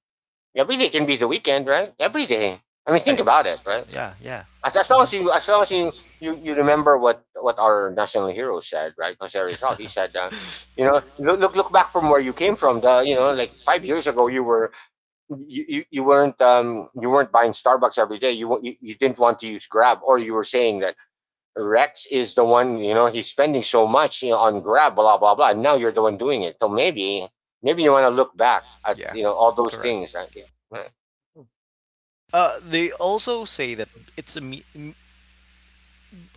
B: Every day can be the weekend, right? Every day. I mean, think
A: Right.
B: about it, right?
A: Yeah, yeah. Hmm,
B: As long as you, you remember what our national hero said, right? Because as a result, he said, you know, look, look back from where you came from. The You know, like 5 years ago, you were you weren't you weren't buying Starbucks every day. You you didn't want to use Grab, or you were saying that Rex is the one. You know, he's spending so much, you know, on Grab, blah blah blah. And now you're the one doing it. So maybe maybe you want to look back at,
A: yeah.
B: you know, all those
A: Correct.
B: things, right? Yeah. Right.
A: They also say that it's a me-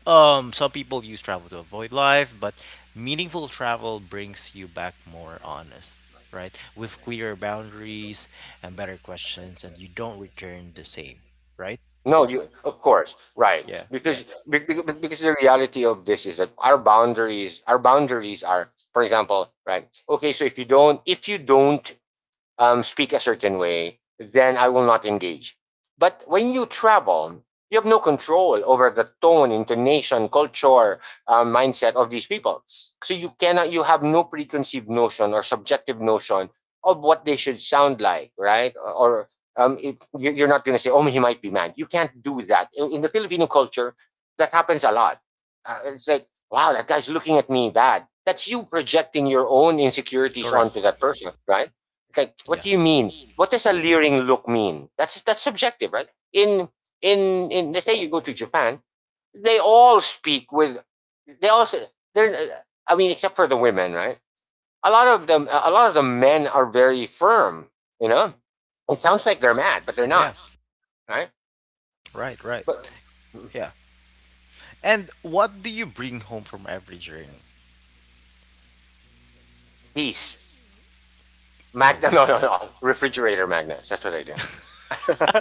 A: Some people use travel to avoid life, but meaningful travel brings you back more honest, right? With clearer boundaries and better questions, and you don't return the same, right?
B: No, you, of course, right.
A: Yeah,
B: Because
A: yeah.
B: because the reality of this is that our boundaries are, for example, right. Okay, so if you don't speak a certain way, then I will not engage. But when you travel, you have no control over the tone, intonation, culture, mindset of these people. So you have no preconceived notion or subjective notion of what they should sound like, right? Or it, you- are not going to say, oh, he might be mad. You can't do that. In the Filipino culture, that happens a lot. It's like, wow, that guy's looking at me bad. That's you projecting your own insecurities
A: Correct.
B: onto that person, right? Like, what
A: Yeah.
B: do you mean? What does a leering look mean? That's subjective, right? In let's say you go to Japan, they all speak with they also they're, I mean, except for the women, right? A lot of them, a lot of the men are very firm, you know. It sounds like they're mad, but they're
A: Yeah.
B: not, right?
A: Right, right.
B: But
A: Yeah. And what do you bring home from every journey?
B: peace,
A: Hold.
B: magna no, no, no, refrigerator magnets, that's what I do.
A: <laughs>
B: <laughs>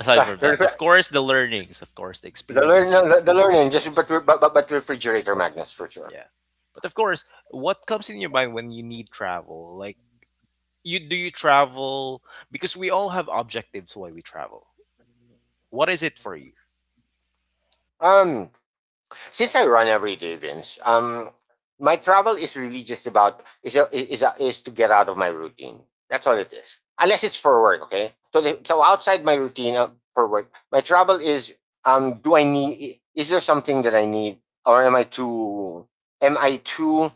A: Aside
B: Ah,
A: from that,
B: the,
A: of course, the learnings, of course, the experiences you,
B: no, the
A: you,
B: learning
A: got.
B: just but, but refrigerator magnets for sure.
A: Yeah. But of course, what comes in your mind when you need travel? Like, you do you travel because we all have objectives why we travel. What is it for you?
B: Um, since I run every day, Vince, my travel is really just about is to get out of my routine. That's all it is. Unless it's for work, okay. So outside my routine, for work, my travel is, do I need? Is there something that I need, or am I too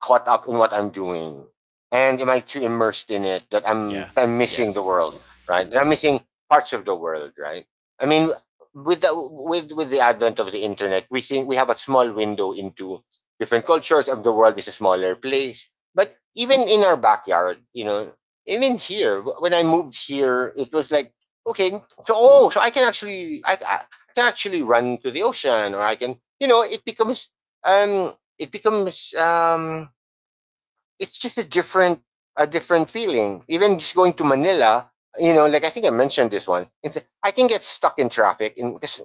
B: caught up in what I'm doing, and am I too immersed in it that
A: Yeah.
B: I'm
A: Yeah.
B: missing the world, right? That I'm missing parts of the world, right? I mean, with the advent of the internet, we think we have a small window into different cultures of the world is a smaller place. But even in our backyard, you know, even here, when I moved here, it was like, okay, so, oh, so I can actually I can actually run to the ocean, or I can, you know, it becomes um it becomes um it's just a different feeling. Even just going to Manila, you know, like I think I mentioned this one. It's, I can get stuck in traffic in this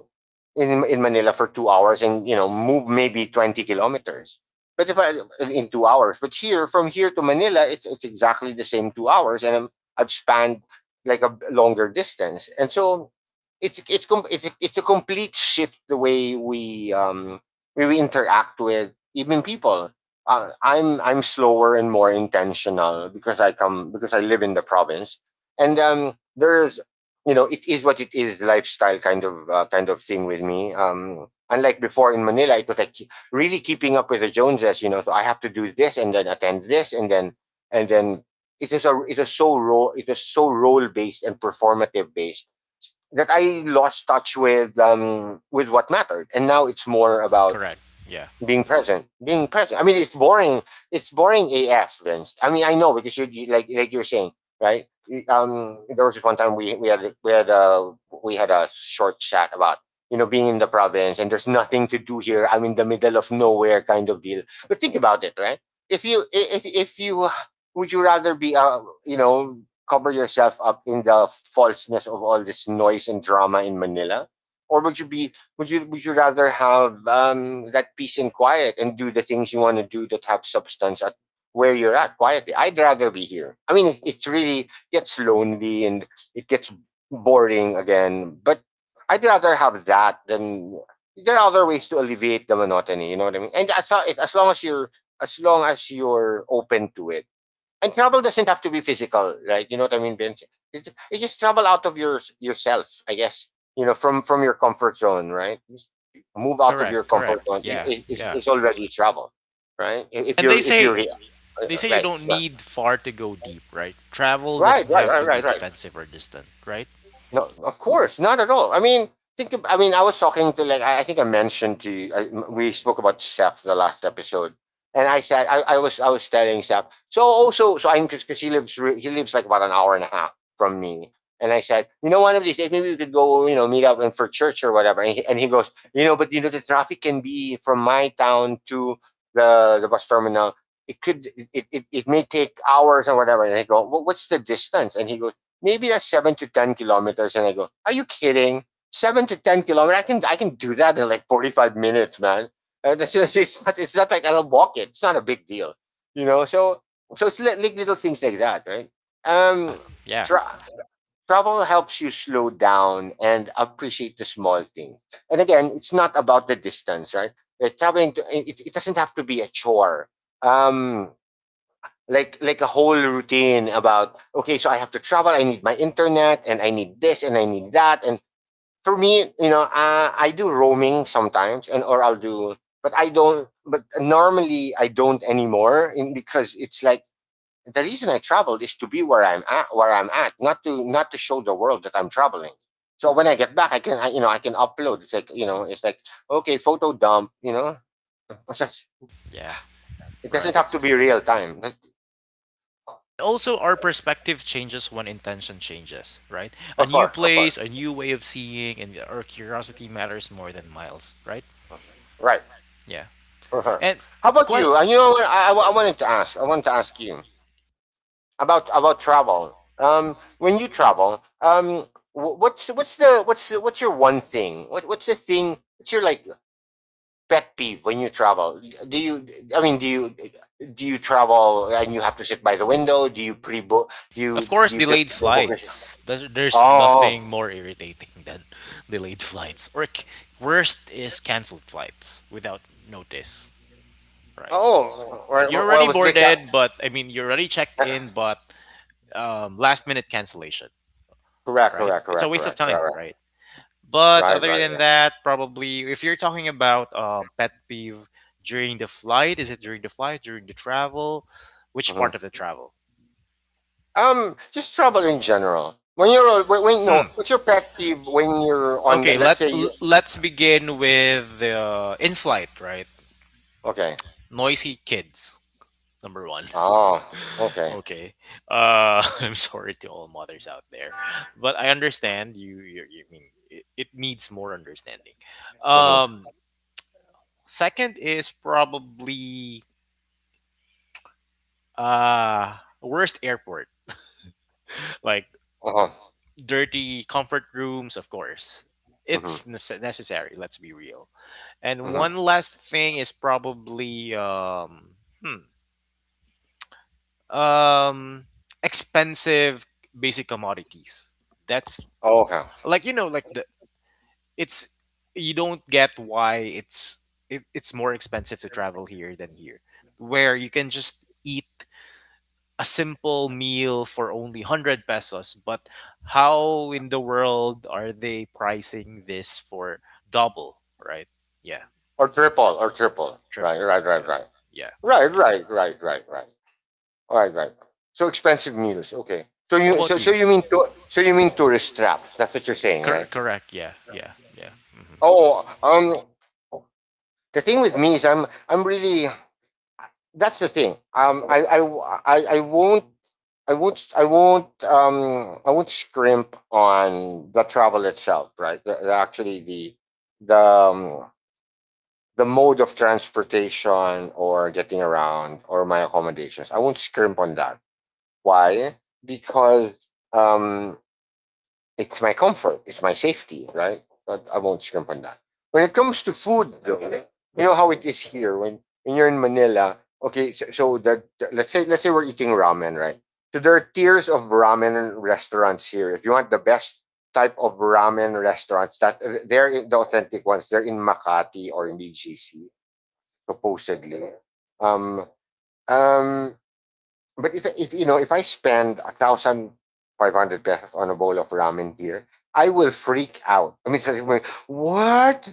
B: in Manila for 2 hours and you know move maybe 20 kilometers. But if I, in 2 hours, but here from here to Manila, it's exactly the same 2 hours, and I'm, I've spanned like a longer distance, and so it's it's it's a complete shift the way we interact with even people, I'm slower and more intentional because I come, because I live in the province, and, there's you know it is what it is lifestyle kind of, kind of thing with me. Unlike before in Manila, it was like really keeping up with the Joneses. You know, so I have to do this and then attend this and then it is a it is so role based and performative based that I lost touch with, with what mattered, and now it's more about
A: Correct. Yeah.
B: being present. I mean, it's boring. It's boring af, Vince. I mean, I know because you like you were saying, right? There was this one time we we had a short chat about, you know, being in the province and there's nothing to do here, I'm in the middle of nowhere kind of deal. But think about it, right? If you if you would you rather be, uh, you know, cover yourself up in the falseness of all this noise and drama in Manila, or would you be, would you rather have, that peace and quiet and do the things you want to do that have substance at where you're at quietly? I'd rather be here. I mean, it's really gets lonely and it gets boring again, but I'd rather have that than there are other ways to alleviate the monotony. You know what I mean? As long as you're, as long as you're open to it, and trouble doesn't have to be physical, right? You know what I mean, Vince? It's just trouble out of your yourself, I guess. You know, from your comfort zone, right? Just move out of your
A: Correct.
B: comfort
A: Correct.
B: zone
A: Yeah. Yeah.
B: is already trouble, right? If
A: And they
B: you're, if you're,
A: say they say you
B: right,
A: don't
B: right,
A: need far to go deep, right? Travel
B: right,
A: doesn't
B: right,
A: have
B: right,
A: to be
B: right, right.
A: expensive or distant, right?
B: No, of course, not at all. I mean, think. Of, I mean, I was talking to, like, I think I mentioned to you. I, we spoke about Seth the last episode, and I said I was telling Seth. So also, so I am, because he lives he lives like about 1.5 hours from me, and I said, you know, one of these days maybe we could go, you know, meet up and for church or whatever. And he goes, you know, but you know the traffic can be from my town to the bus terminal. It could it may take hours or whatever. And I go, well, what's the distance? And he goes maybe that's 7 to 10 kilometers. And I go, are you kidding? 7 to 10 kilometers. I can do that in like 45 minutes, man. That's just, it's not like I'll walk it. It's not a big deal, you know. So so it's like little things like that, right? Um,
A: Yeah.
B: tra- travel helps you slow down and appreciate the small thing. And again, it's not about the distance, right? Traveling to, it doesn't have to be a chore. Um, like a whole routine about, okay, so I have to travel, I need my internet and I need this and I need that. And for me, you know, I do roaming sometimes, and or I'll do, but I don't, but normally I don't anymore, because it's like, the reason I traveled is to be where I'm at, not to show the world that I'm traveling. So when I get back I can, you know, I can upload. It's like, you know, it's like, okay, photo dump. <laughs> It's just-
A: Yeah.
B: it
A: Right.
B: doesn't have to be real time.
A: Also, our perspective changes when intention changes, right? A
B: Of
A: new
B: course, of course.
A: place, a new way of seeing, and our curiosity matters more than miles, right?
B: Right.
A: Yeah.
B: For her.
A: And
B: How about you? And you know what? I wanted to ask. I wanted to ask you about travel. When you travel, what's your one thing? What's the thing? What's your, like, pet peeve when you travel? Do you? I mean, do you? Do you travel and you have to sit by the window? Do you pre-book? Do
A: of
B: you
A: course,
B: do you pick
A: delayed
B: book?
A: flights. There's
B: Oh.
A: nothing more irritating than delayed flights. Worst is canceled flights without notice, right? You're already
B: With Vic.
A: boarded, but I mean, you're already checked in, but last minute cancellation,
B: Correct,
A: right?
B: correct,
A: It's a
B: correct,
A: waste of
B: correct, right,
A: time, right? But
B: right,
A: other
B: right,
A: than
B: right,
A: that, probably if you're talking about pet peeve during the flight, is it during the flight, during the travel? Which part of
B: right.
A: the travel?
B: Just trouble in general. When you're when,
A: Hmm.
B: no, what's your pet peeve when you're on
A: Okay,
B: Let's say you.
A: let's begin with the in flight, right?
B: Okay.
A: Noisy kids, number one.
B: Oh.
A: <laughs>
B: Okay.
A: Okay, <laughs> I'm sorry to all mothers out there, but I understand you. You mean it needs more understanding.
B: Mhm.
A: Um, Second is probably worst airport. Like
B: Uh-huh.
A: dirty comfort rooms, of course.
B: Mhm.
A: It's necessary, let's be real. And
B: Mhm.
A: one last thing is probably hmm, um expensive basic commodities. That's
B: Oh, okay.
A: like, like the it's, you don't get why it's more expensive to travel here than here, where you can just eat a simple meal for only 100 pesos, but how in the world are they pricing this for double, right? Yeah,
B: Or triple. Or triple. Right.
A: triple.
B: Right. Right.
A: Yeah,
B: Right.
A: yeah,
B: Right.
A: yeah.
B: Right. Right. Right. Right. All right. Right. So expensive meals. Okay. So
A: How
B: you,
A: about
B: so
A: you?
B: you mean to, so you mean tourist traps? That's what you're saying, right?
A: Correct, yeah, yeah, yeah. Hmm.
B: Oh. The thing with me is I'm really, that's the thing. I won't, I won't, I won't scrimp on the travel itself, right? Actually, the, um, the mode of transportation or getting around or my accommodations. I won't scrimp on that. Why? Because um, it's my comfort, it's my safety, right? But I won't scrimp on that. When it comes to food, though, you know how it is here when you're in Manila. Okay, so, so the, let's say we're eating ramen, right? So there are tiers of ramen restaurants here. If you want the best type of ramen restaurants, that they're the authentic ones. They're in Makati or in BGC, supposedly. Um, um, but if you know, if I spend 1,500 pesos on a bowl of ramen here, I will freak out. I mean, <laughs> it's like, what?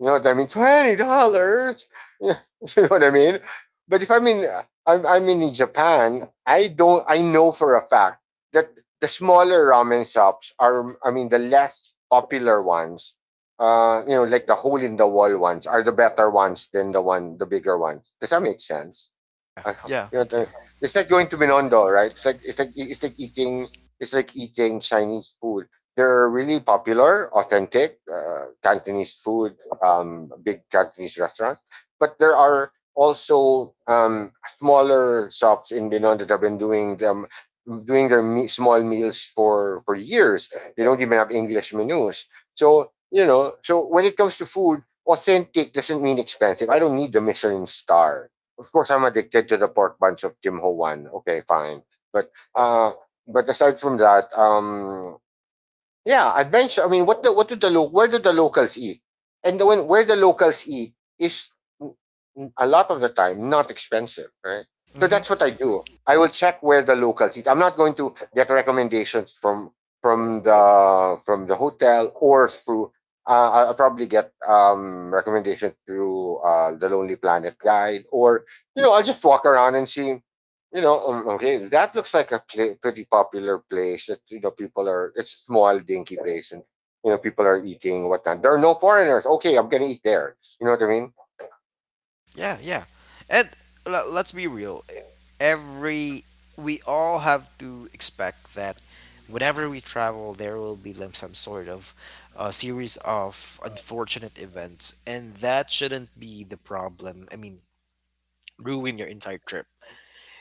B: You know what I mean? $20. <laughs> You know what I mean? But if I'm in I'm, I'm in Japan, I don't I know for a fact that the smaller ramen shops are, I mean the less popular ones, you know, like the hole in the wall ones, are the better ones than the bigger ones. Does that make sense? <laughs> I,
A: Yeah,
B: you know,
A: yeah.
B: it's like going to Binondo, right? It's like eating Chinese food. They're really popular, authentic Cantonese food, big Cantonese restaurants. But there are also smaller shops in Binondo that have been doing their small meals for years. They don't even have English menus. So, you know, so when it comes to food, authentic doesn't mean expensive. I don't need the Michelin star. Of course, I'm addicted to the pork bunch of Tim Ho Wan. Okay, fine. But uh, but aside from that, yeah, adventure. I mean, what do the where do the locals eat? And when, where the locals eat is, mm, a lot of the time not expensive, right? So
A: Hmm.
B: that's what I do. I will check where the locals eat. I'm not going to get recommendations from, from the hotel or through. I'll probably get recommendations through the Lonely Planet guide, or you know, I'll just walk around and see, you know, okay, that looks like a pla pretty popular place that, you know, people are, it's a small, dinky place and, you know, people are eating, whatnot. There are no foreigners. Okay, I'm going to eat there. You know what I mean?
A: Yeah, yeah. And let's be real. E, Every We all have to expect that whenever we travel, there will be like some sort of series of unfortunate events, and that shouldn't be the problem. I mean, ruin your entire trip.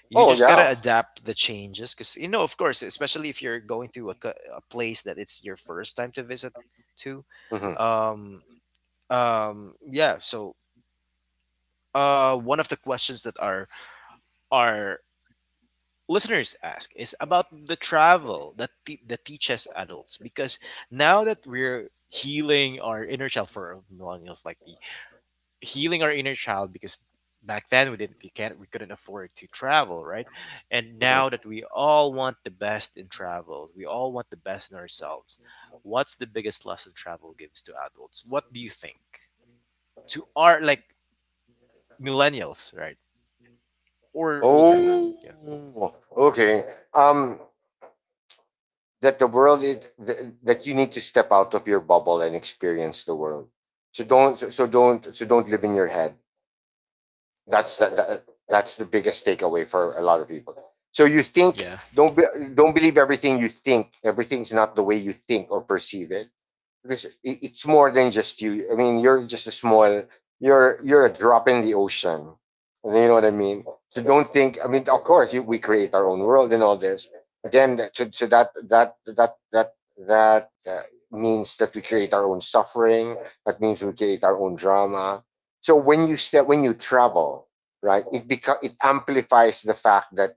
A: You
B: Oh,
A: just gotta
B: yeah.
A: adapt the changes, because, of course, especially if you're going to a place that it's your first time to visit to.
B: Hmm.
A: Um, yeah. So, one of the questions that are listeners ask is about the travel that that teaches adults, because now that we're healing our inner child for millennials like me, healing our inner child because back then we didn't, we can't, we couldn't afford to travel, right? And now
B: Hmm.
A: that we all want the best in travel, we all want the best in ourselves. What's the biggest lesson travel gives to adults, what do you think, to our like millennials, right? Or older one.
B: Oh, okay. Um, that the world is, that you need to step out of your bubble and experience the world. So don't, so don't, so don't live in your head. That's the, that's the biggest takeaway for a lot of people. So you think,
A: Yeah.
B: don't be, don't believe everything you think. Everything's not the way you think or perceive it, because it's more than just you. I mean, you're just a small, you're a drop in the ocean. You know what I mean? So don't think. I mean, of course, we create our own world and all this. Again, to that means that we create our own suffering. That means we create our own drama. So when you when you travel, right, it amplifies the fact that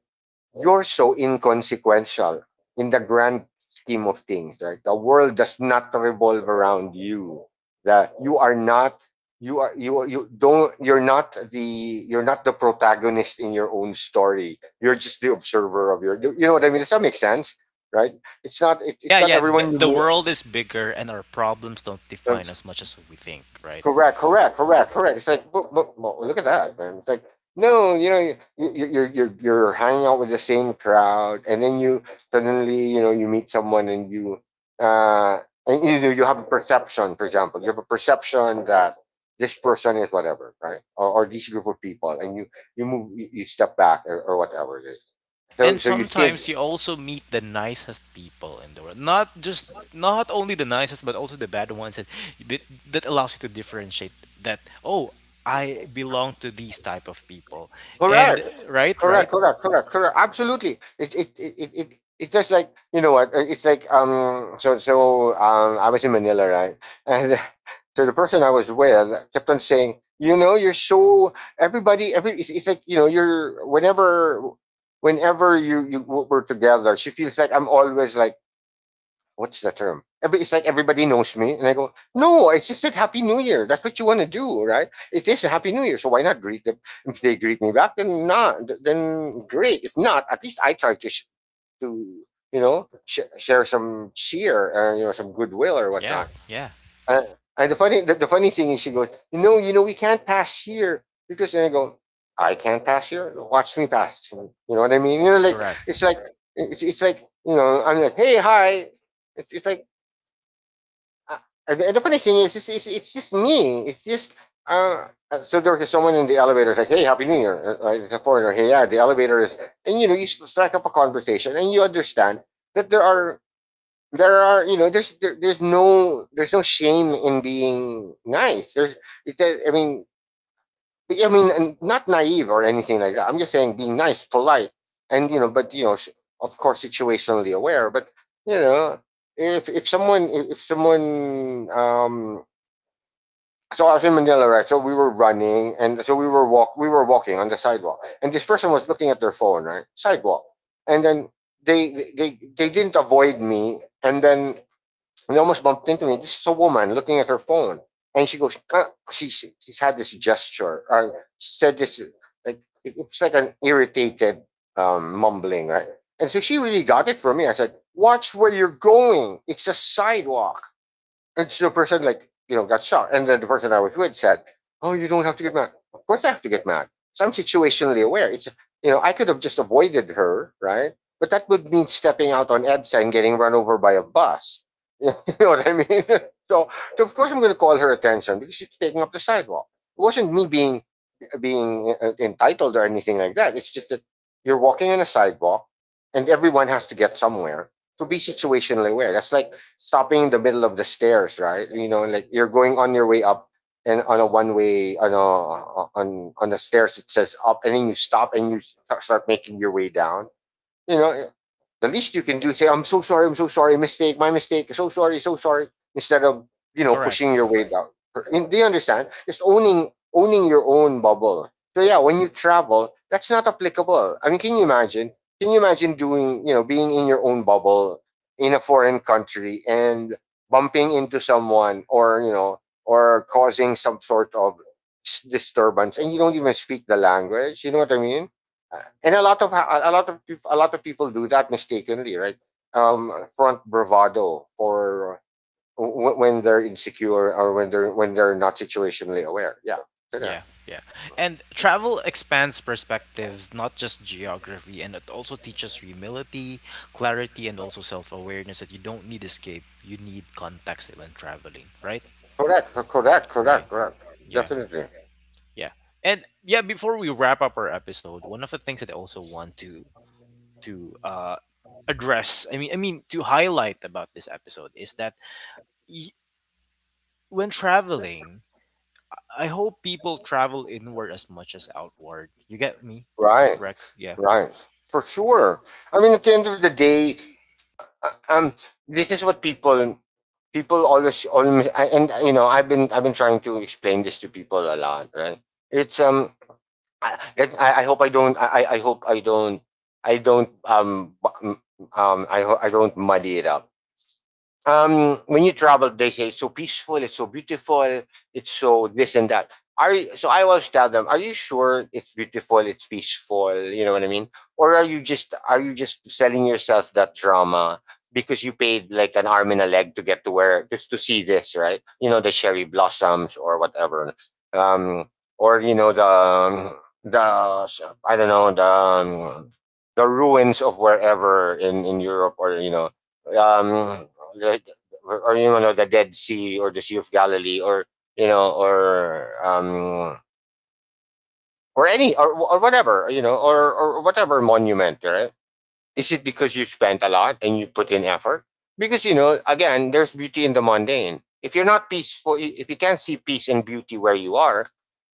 B: you're so inconsequential in the grand scheme of things, right? The world does not revolve around you. That you are not, you don't you're not the, you're not the protagonist in your own story. You're just the observer of your. You know what I mean? Does that make sense? Right? It's not,
A: Yeah,
B: it's not
A: yeah. The,
B: everyone you
A: the
B: meet.
A: world is bigger and our problems don't
B: Um,
A: define as much as we think, right?
B: correct, correct, correct, correct. It's like, look, look, look at that, man. It's like, no, you know, you're you're hanging out with the same crowd, and then you suddenly, you know, you meet someone uh, and you know, you have a perception. For example, you have a perception that this person is whatever, right, or this group of people, and you move, you step back, or whatever it is. So
A: And
B: so you think.
A: sometimes you also meet the nicest people in the world. Not only the nicest, but also the bad ones that, that allows you to differentiate that, oh, I belong to these type of people. And,
B: Correct.
A: right, right?
B: Correct. Correct. Correct. Correct. Absolutely. It it's just like, you know what? It's like. So um. I was in Manila, right? And <laughs> so the person I was with kept on saying, you know, you're so, everybody. Every, it's like, you know, you're whenever were together, she feels like I'm always like, what's the term? Every, it's like everybody knows me. And I go, no, I just said Happy New Year. That's what you want to do, right? It is a Happy New Year. So why not greet them? If they greet me back, then not, then great. If not, at least I try to, to you know, share some cheer, you know, some goodwill or
A: Yeah,
B: whatnot.
A: yeah.
B: Uh, and the funny, the funny thing is she goes, you know, we can't pass here, because. And I go, I can't pass here. Watch me pass. You know what I mean? You know,
A: Correct.
B: like, it's like, you know, I'm like, hey, hi. It's like, uh, the funny thing is, it's just me. It's just so there was someone in the elevator like, "Hey, Happy New Year!" Right? It's a foreigner. Hey, yeah, the elevator is, and you know, you strike up a conversation, and you understand that there are, you know, there's no, there's no shame in being nice. There's, I mean, I mean, and not naive or anything like that. I'm just saying being nice, polite, and you know, but you know, of course, situationally aware. But you know, if if someone um, so I was in Manila, right? So we were running, and so we were walk we were walking on the sidewalk, and this person was looking at their phone, right? Sidewalk, and then they didn't avoid me, and then and they almost bumped into me. This is a woman looking at her phone. And she goes, "Ah," she's had this gesture, or said this, like, it was like an irritated mumbling, right? And so she really got it from me. I said, watch where you're going. It's a sidewalk. And so the person like, you know, got shocked. And then the person I was with said, oh, you don't have to get mad. Of course I have to get mad. So I'm situationally aware. It's, you know, I could have just avoided her, right? But that would mean stepping out on EDSA and getting run over by a bus. <laughs> You know what I mean? <laughs> So, so of course I'm gonna call her attention because she's taking up the sidewalk. It wasn't me being, entitled or anything like that. It's just that you're walking on a sidewalk and everyone has to get somewhere. So be situationally aware. That's like stopping in the middle of the stairs, right? You know, like you're going on your way up and on a one way on a on on the stairs it says up, and then you stop and you start making your way down. You know, the least you can do is say, "I'm so sorry, I'm so sorry, mistake, my mistake, so sorry, so sorry," instead of, pushing
A: Correct.
B: your way down. And they understand? Just owning your own bubble. So yeah, when you travel, that's not applicable. I mean, can you imagine? Can you imagine doing, you know, being in your own bubble in a foreign country and bumping into someone, or, you know, or causing some sort of disturbance and you don't even speak the language? You know what I mean? And a lot of a lot of people do that mistakenly, right? Front bravado, or when they're insecure, or when they're not situationally aware. Yeah, so there.
A: Yeah, yeah. And travel expands perspectives, not just geography, and it also teaches humility, clarity, and also self awareness that you don't need escape, you need context when traveling, right?
B: Correct, correct,
A: Right.
B: correct, correct.
A: Yeah,
B: Definitely.
A: yeah. And yeah, before we wrap up our episode, one of the things that I also want to address, I mean to highlight about this episode is that, y- when traveling, I hope people travel inward as much as outward. You get me,
B: Right,
A: Rex? Yeah.
B: right. For sure. I mean, at the end of the day, uh, um, this is what people always and you know, I've been trying to explain this to people a lot, right? It's I hope I don't. I hope I don't. I don't. I don't muddy it up. When you travel they say it's so peaceful, it's so beautiful, it's so this and that. So I always tell them, are you sure it's beautiful, it's peaceful? You know what I mean? Or are you just selling yourself that drama, because you paid like an arm and a leg to get to where, just to see this, right? You know, the cherry blossoms or whatever. Um or you know, the I don't know the ruins of wherever in Europe, or, you know, um or you know, the Dead Sea or the Sea of Galilee, or, you know, or whatever, you know, or whatever monument, right? Is it because you spent a lot and you put in effort? Because, you know, again, there's beauty in the mundane. If you're not peaceful, if you can't see peace and beauty where you are,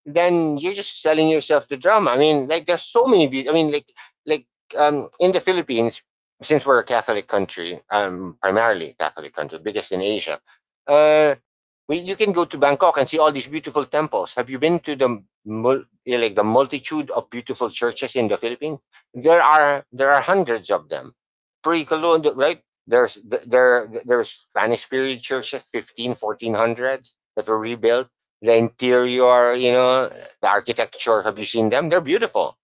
B: then you're just selling yourself to drama. I mean, like, there's so many. Beauty. I mean, like, like in the Philippines, since we're a Catholic country, primarily Catholic country, biggest in Asia, uh, you can go to Bangkok and see all these beautiful temples. Have you been to like the multitude of beautiful churches in the Philippines? There are there are hundreds of them, pre-colonial, right? There's Spanish period churches, 15 1400s, that were rebuilt. The interior, you know, the architecture, have you seen them? They're beautiful.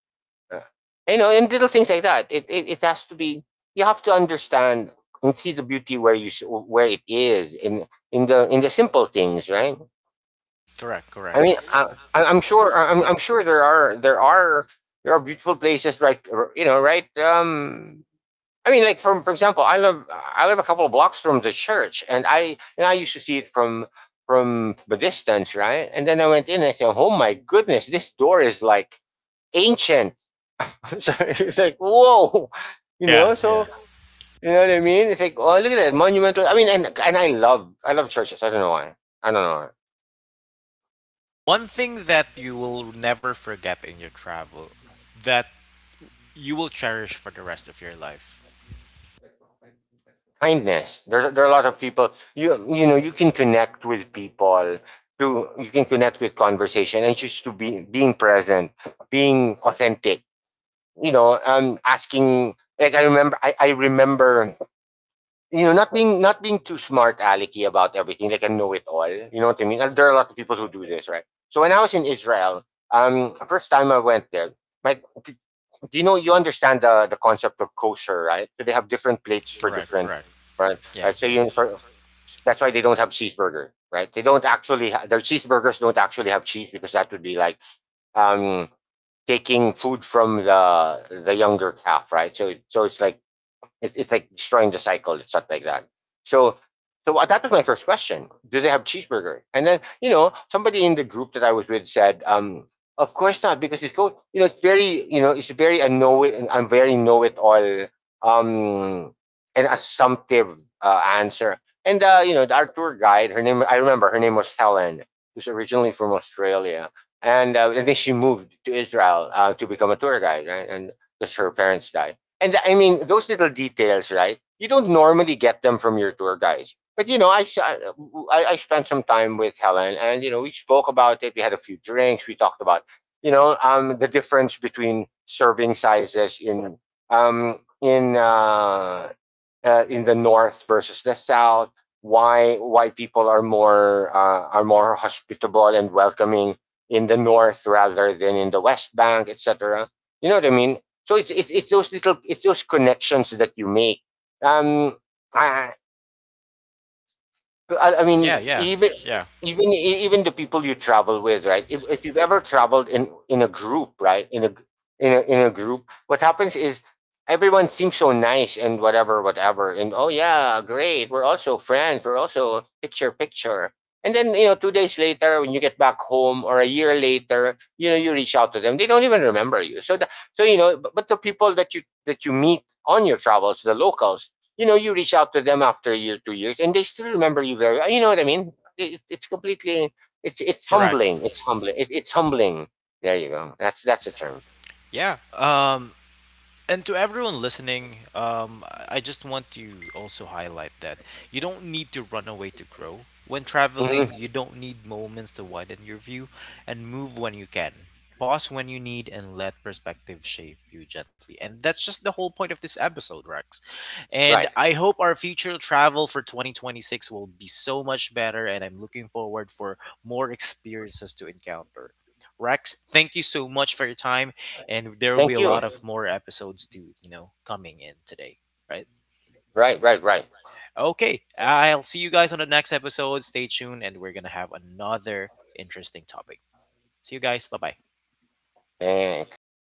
B: Uh, you know, and little things like that, it it has to be, you have to understand and see the beauty where it is, in in the simple things, right?
A: Correct,
B: I
A: correct.
B: mean, I'm sure. I- am I'm sure there are there are beautiful places, right? You know, right? I mean, like, from for example, I live, I live a couple of blocks from the church, and I, and I used to see it from the distance, right? And then I went in and I said, "Oh my goodness, this door is like ancient." <laughs> So it's like, whoa, <laughs> you
A: Yeah,
B: know.
A: yeah.
B: So you know what I mean? It's like, oh, look at that monumental. I mean, and I love churches. I don't know why. I don't know.
A: One thing that you will never forget in your travel, that you will cherish for the rest of your life.
B: Kindness. There are a lot of people. You know, you can connect with people through, you can connect with conversation, and just to be being present, being authentic. You know, asking, like, I remember, I remember, you know, not being too smart alecky about everything, like I know it all. You know what I mean? There are a lot of people who do this, right? So when I was in Israel, first time I went there, my, do you know, you understand the concept of kosher, right? So they have different plates for
A: Correct,
B: different,
A: correct.
B: right?
A: Yeah,
B: So
A: yeah.
B: you, for, that's why they don't have cheeseburger, right? They don't actually their cheeseburgers don't actually have cheese, because that would be like, um taking food from the younger calf, right? So it's like, it's like destroying the cycle. It's not like that. So, that was my first question. Do they have cheeseburger? And then, you know, somebody in the group that I was with said, of course not, because it's go, you know, it's very, you know, it's very a know it, and I'm very know it all, um an assumptive answer. And you know, our tour guide, her name I remember her name was Helen, who's originally from Australia. And then she moved to Israel to become a tour guide, right? And because her parents died. And I mean, those little details, right? You don't normally get them from your tour guys. But you know, I spent some time with Helen, and you know, we spoke about it. We had a few drinks. We talked about, you know, the difference between serving sizes in, um in uh in the north versus the south. Why people are more hospitable and welcoming in the north rather than in the West Bank, etc. You know what I mean? So it's, it's those little, it's those connections that you make. um I, I
A: Yeah,
B: mean,
A: yeah.
B: even
A: Yeah.
B: even the people you travel with, right? If you've ever traveled in a group, right? In a in a group, what happens is everyone seems so nice and whatever, whatever, and oh yeah, great, we're also friends, we're also picture picture. And then you know, 2 days later, when you get back home, or a year later, you know, you reach out to them. They don't even remember you. So, the, so you know, but the people that you meet on your travels, the locals, you know, you reach out to them after a year, 2 years, and they still remember you very well. You know what I mean? It's completely, it's
A: Correct.
B: humbling, it's humbling, it's humbling. There you go, that's a term.
A: Yeah. And to everyone listening, I just want to also highlight that you don't need to run away to grow. When
B: Mhm.
A: traveling, you don't need moments to widen your view and move when you can. Pause when you need and let perspective shape you gently. And that's just the whole point of this episode, Rex. And
B: Right.
A: I hope our future travel for 2026 will be so much better and I'm looking forward for more experiences to encounter. Rex, thank you so much for your time, and there will be
B: Thank
A: a
B: you.
A: lot of more episodes to, coming in today, right?
B: Right, right, right.
A: Okay, I'll see you guys on the next episode. Stay tuned, and we're gonna have another interesting topic. See you guys, bye bye.
B: Thanks.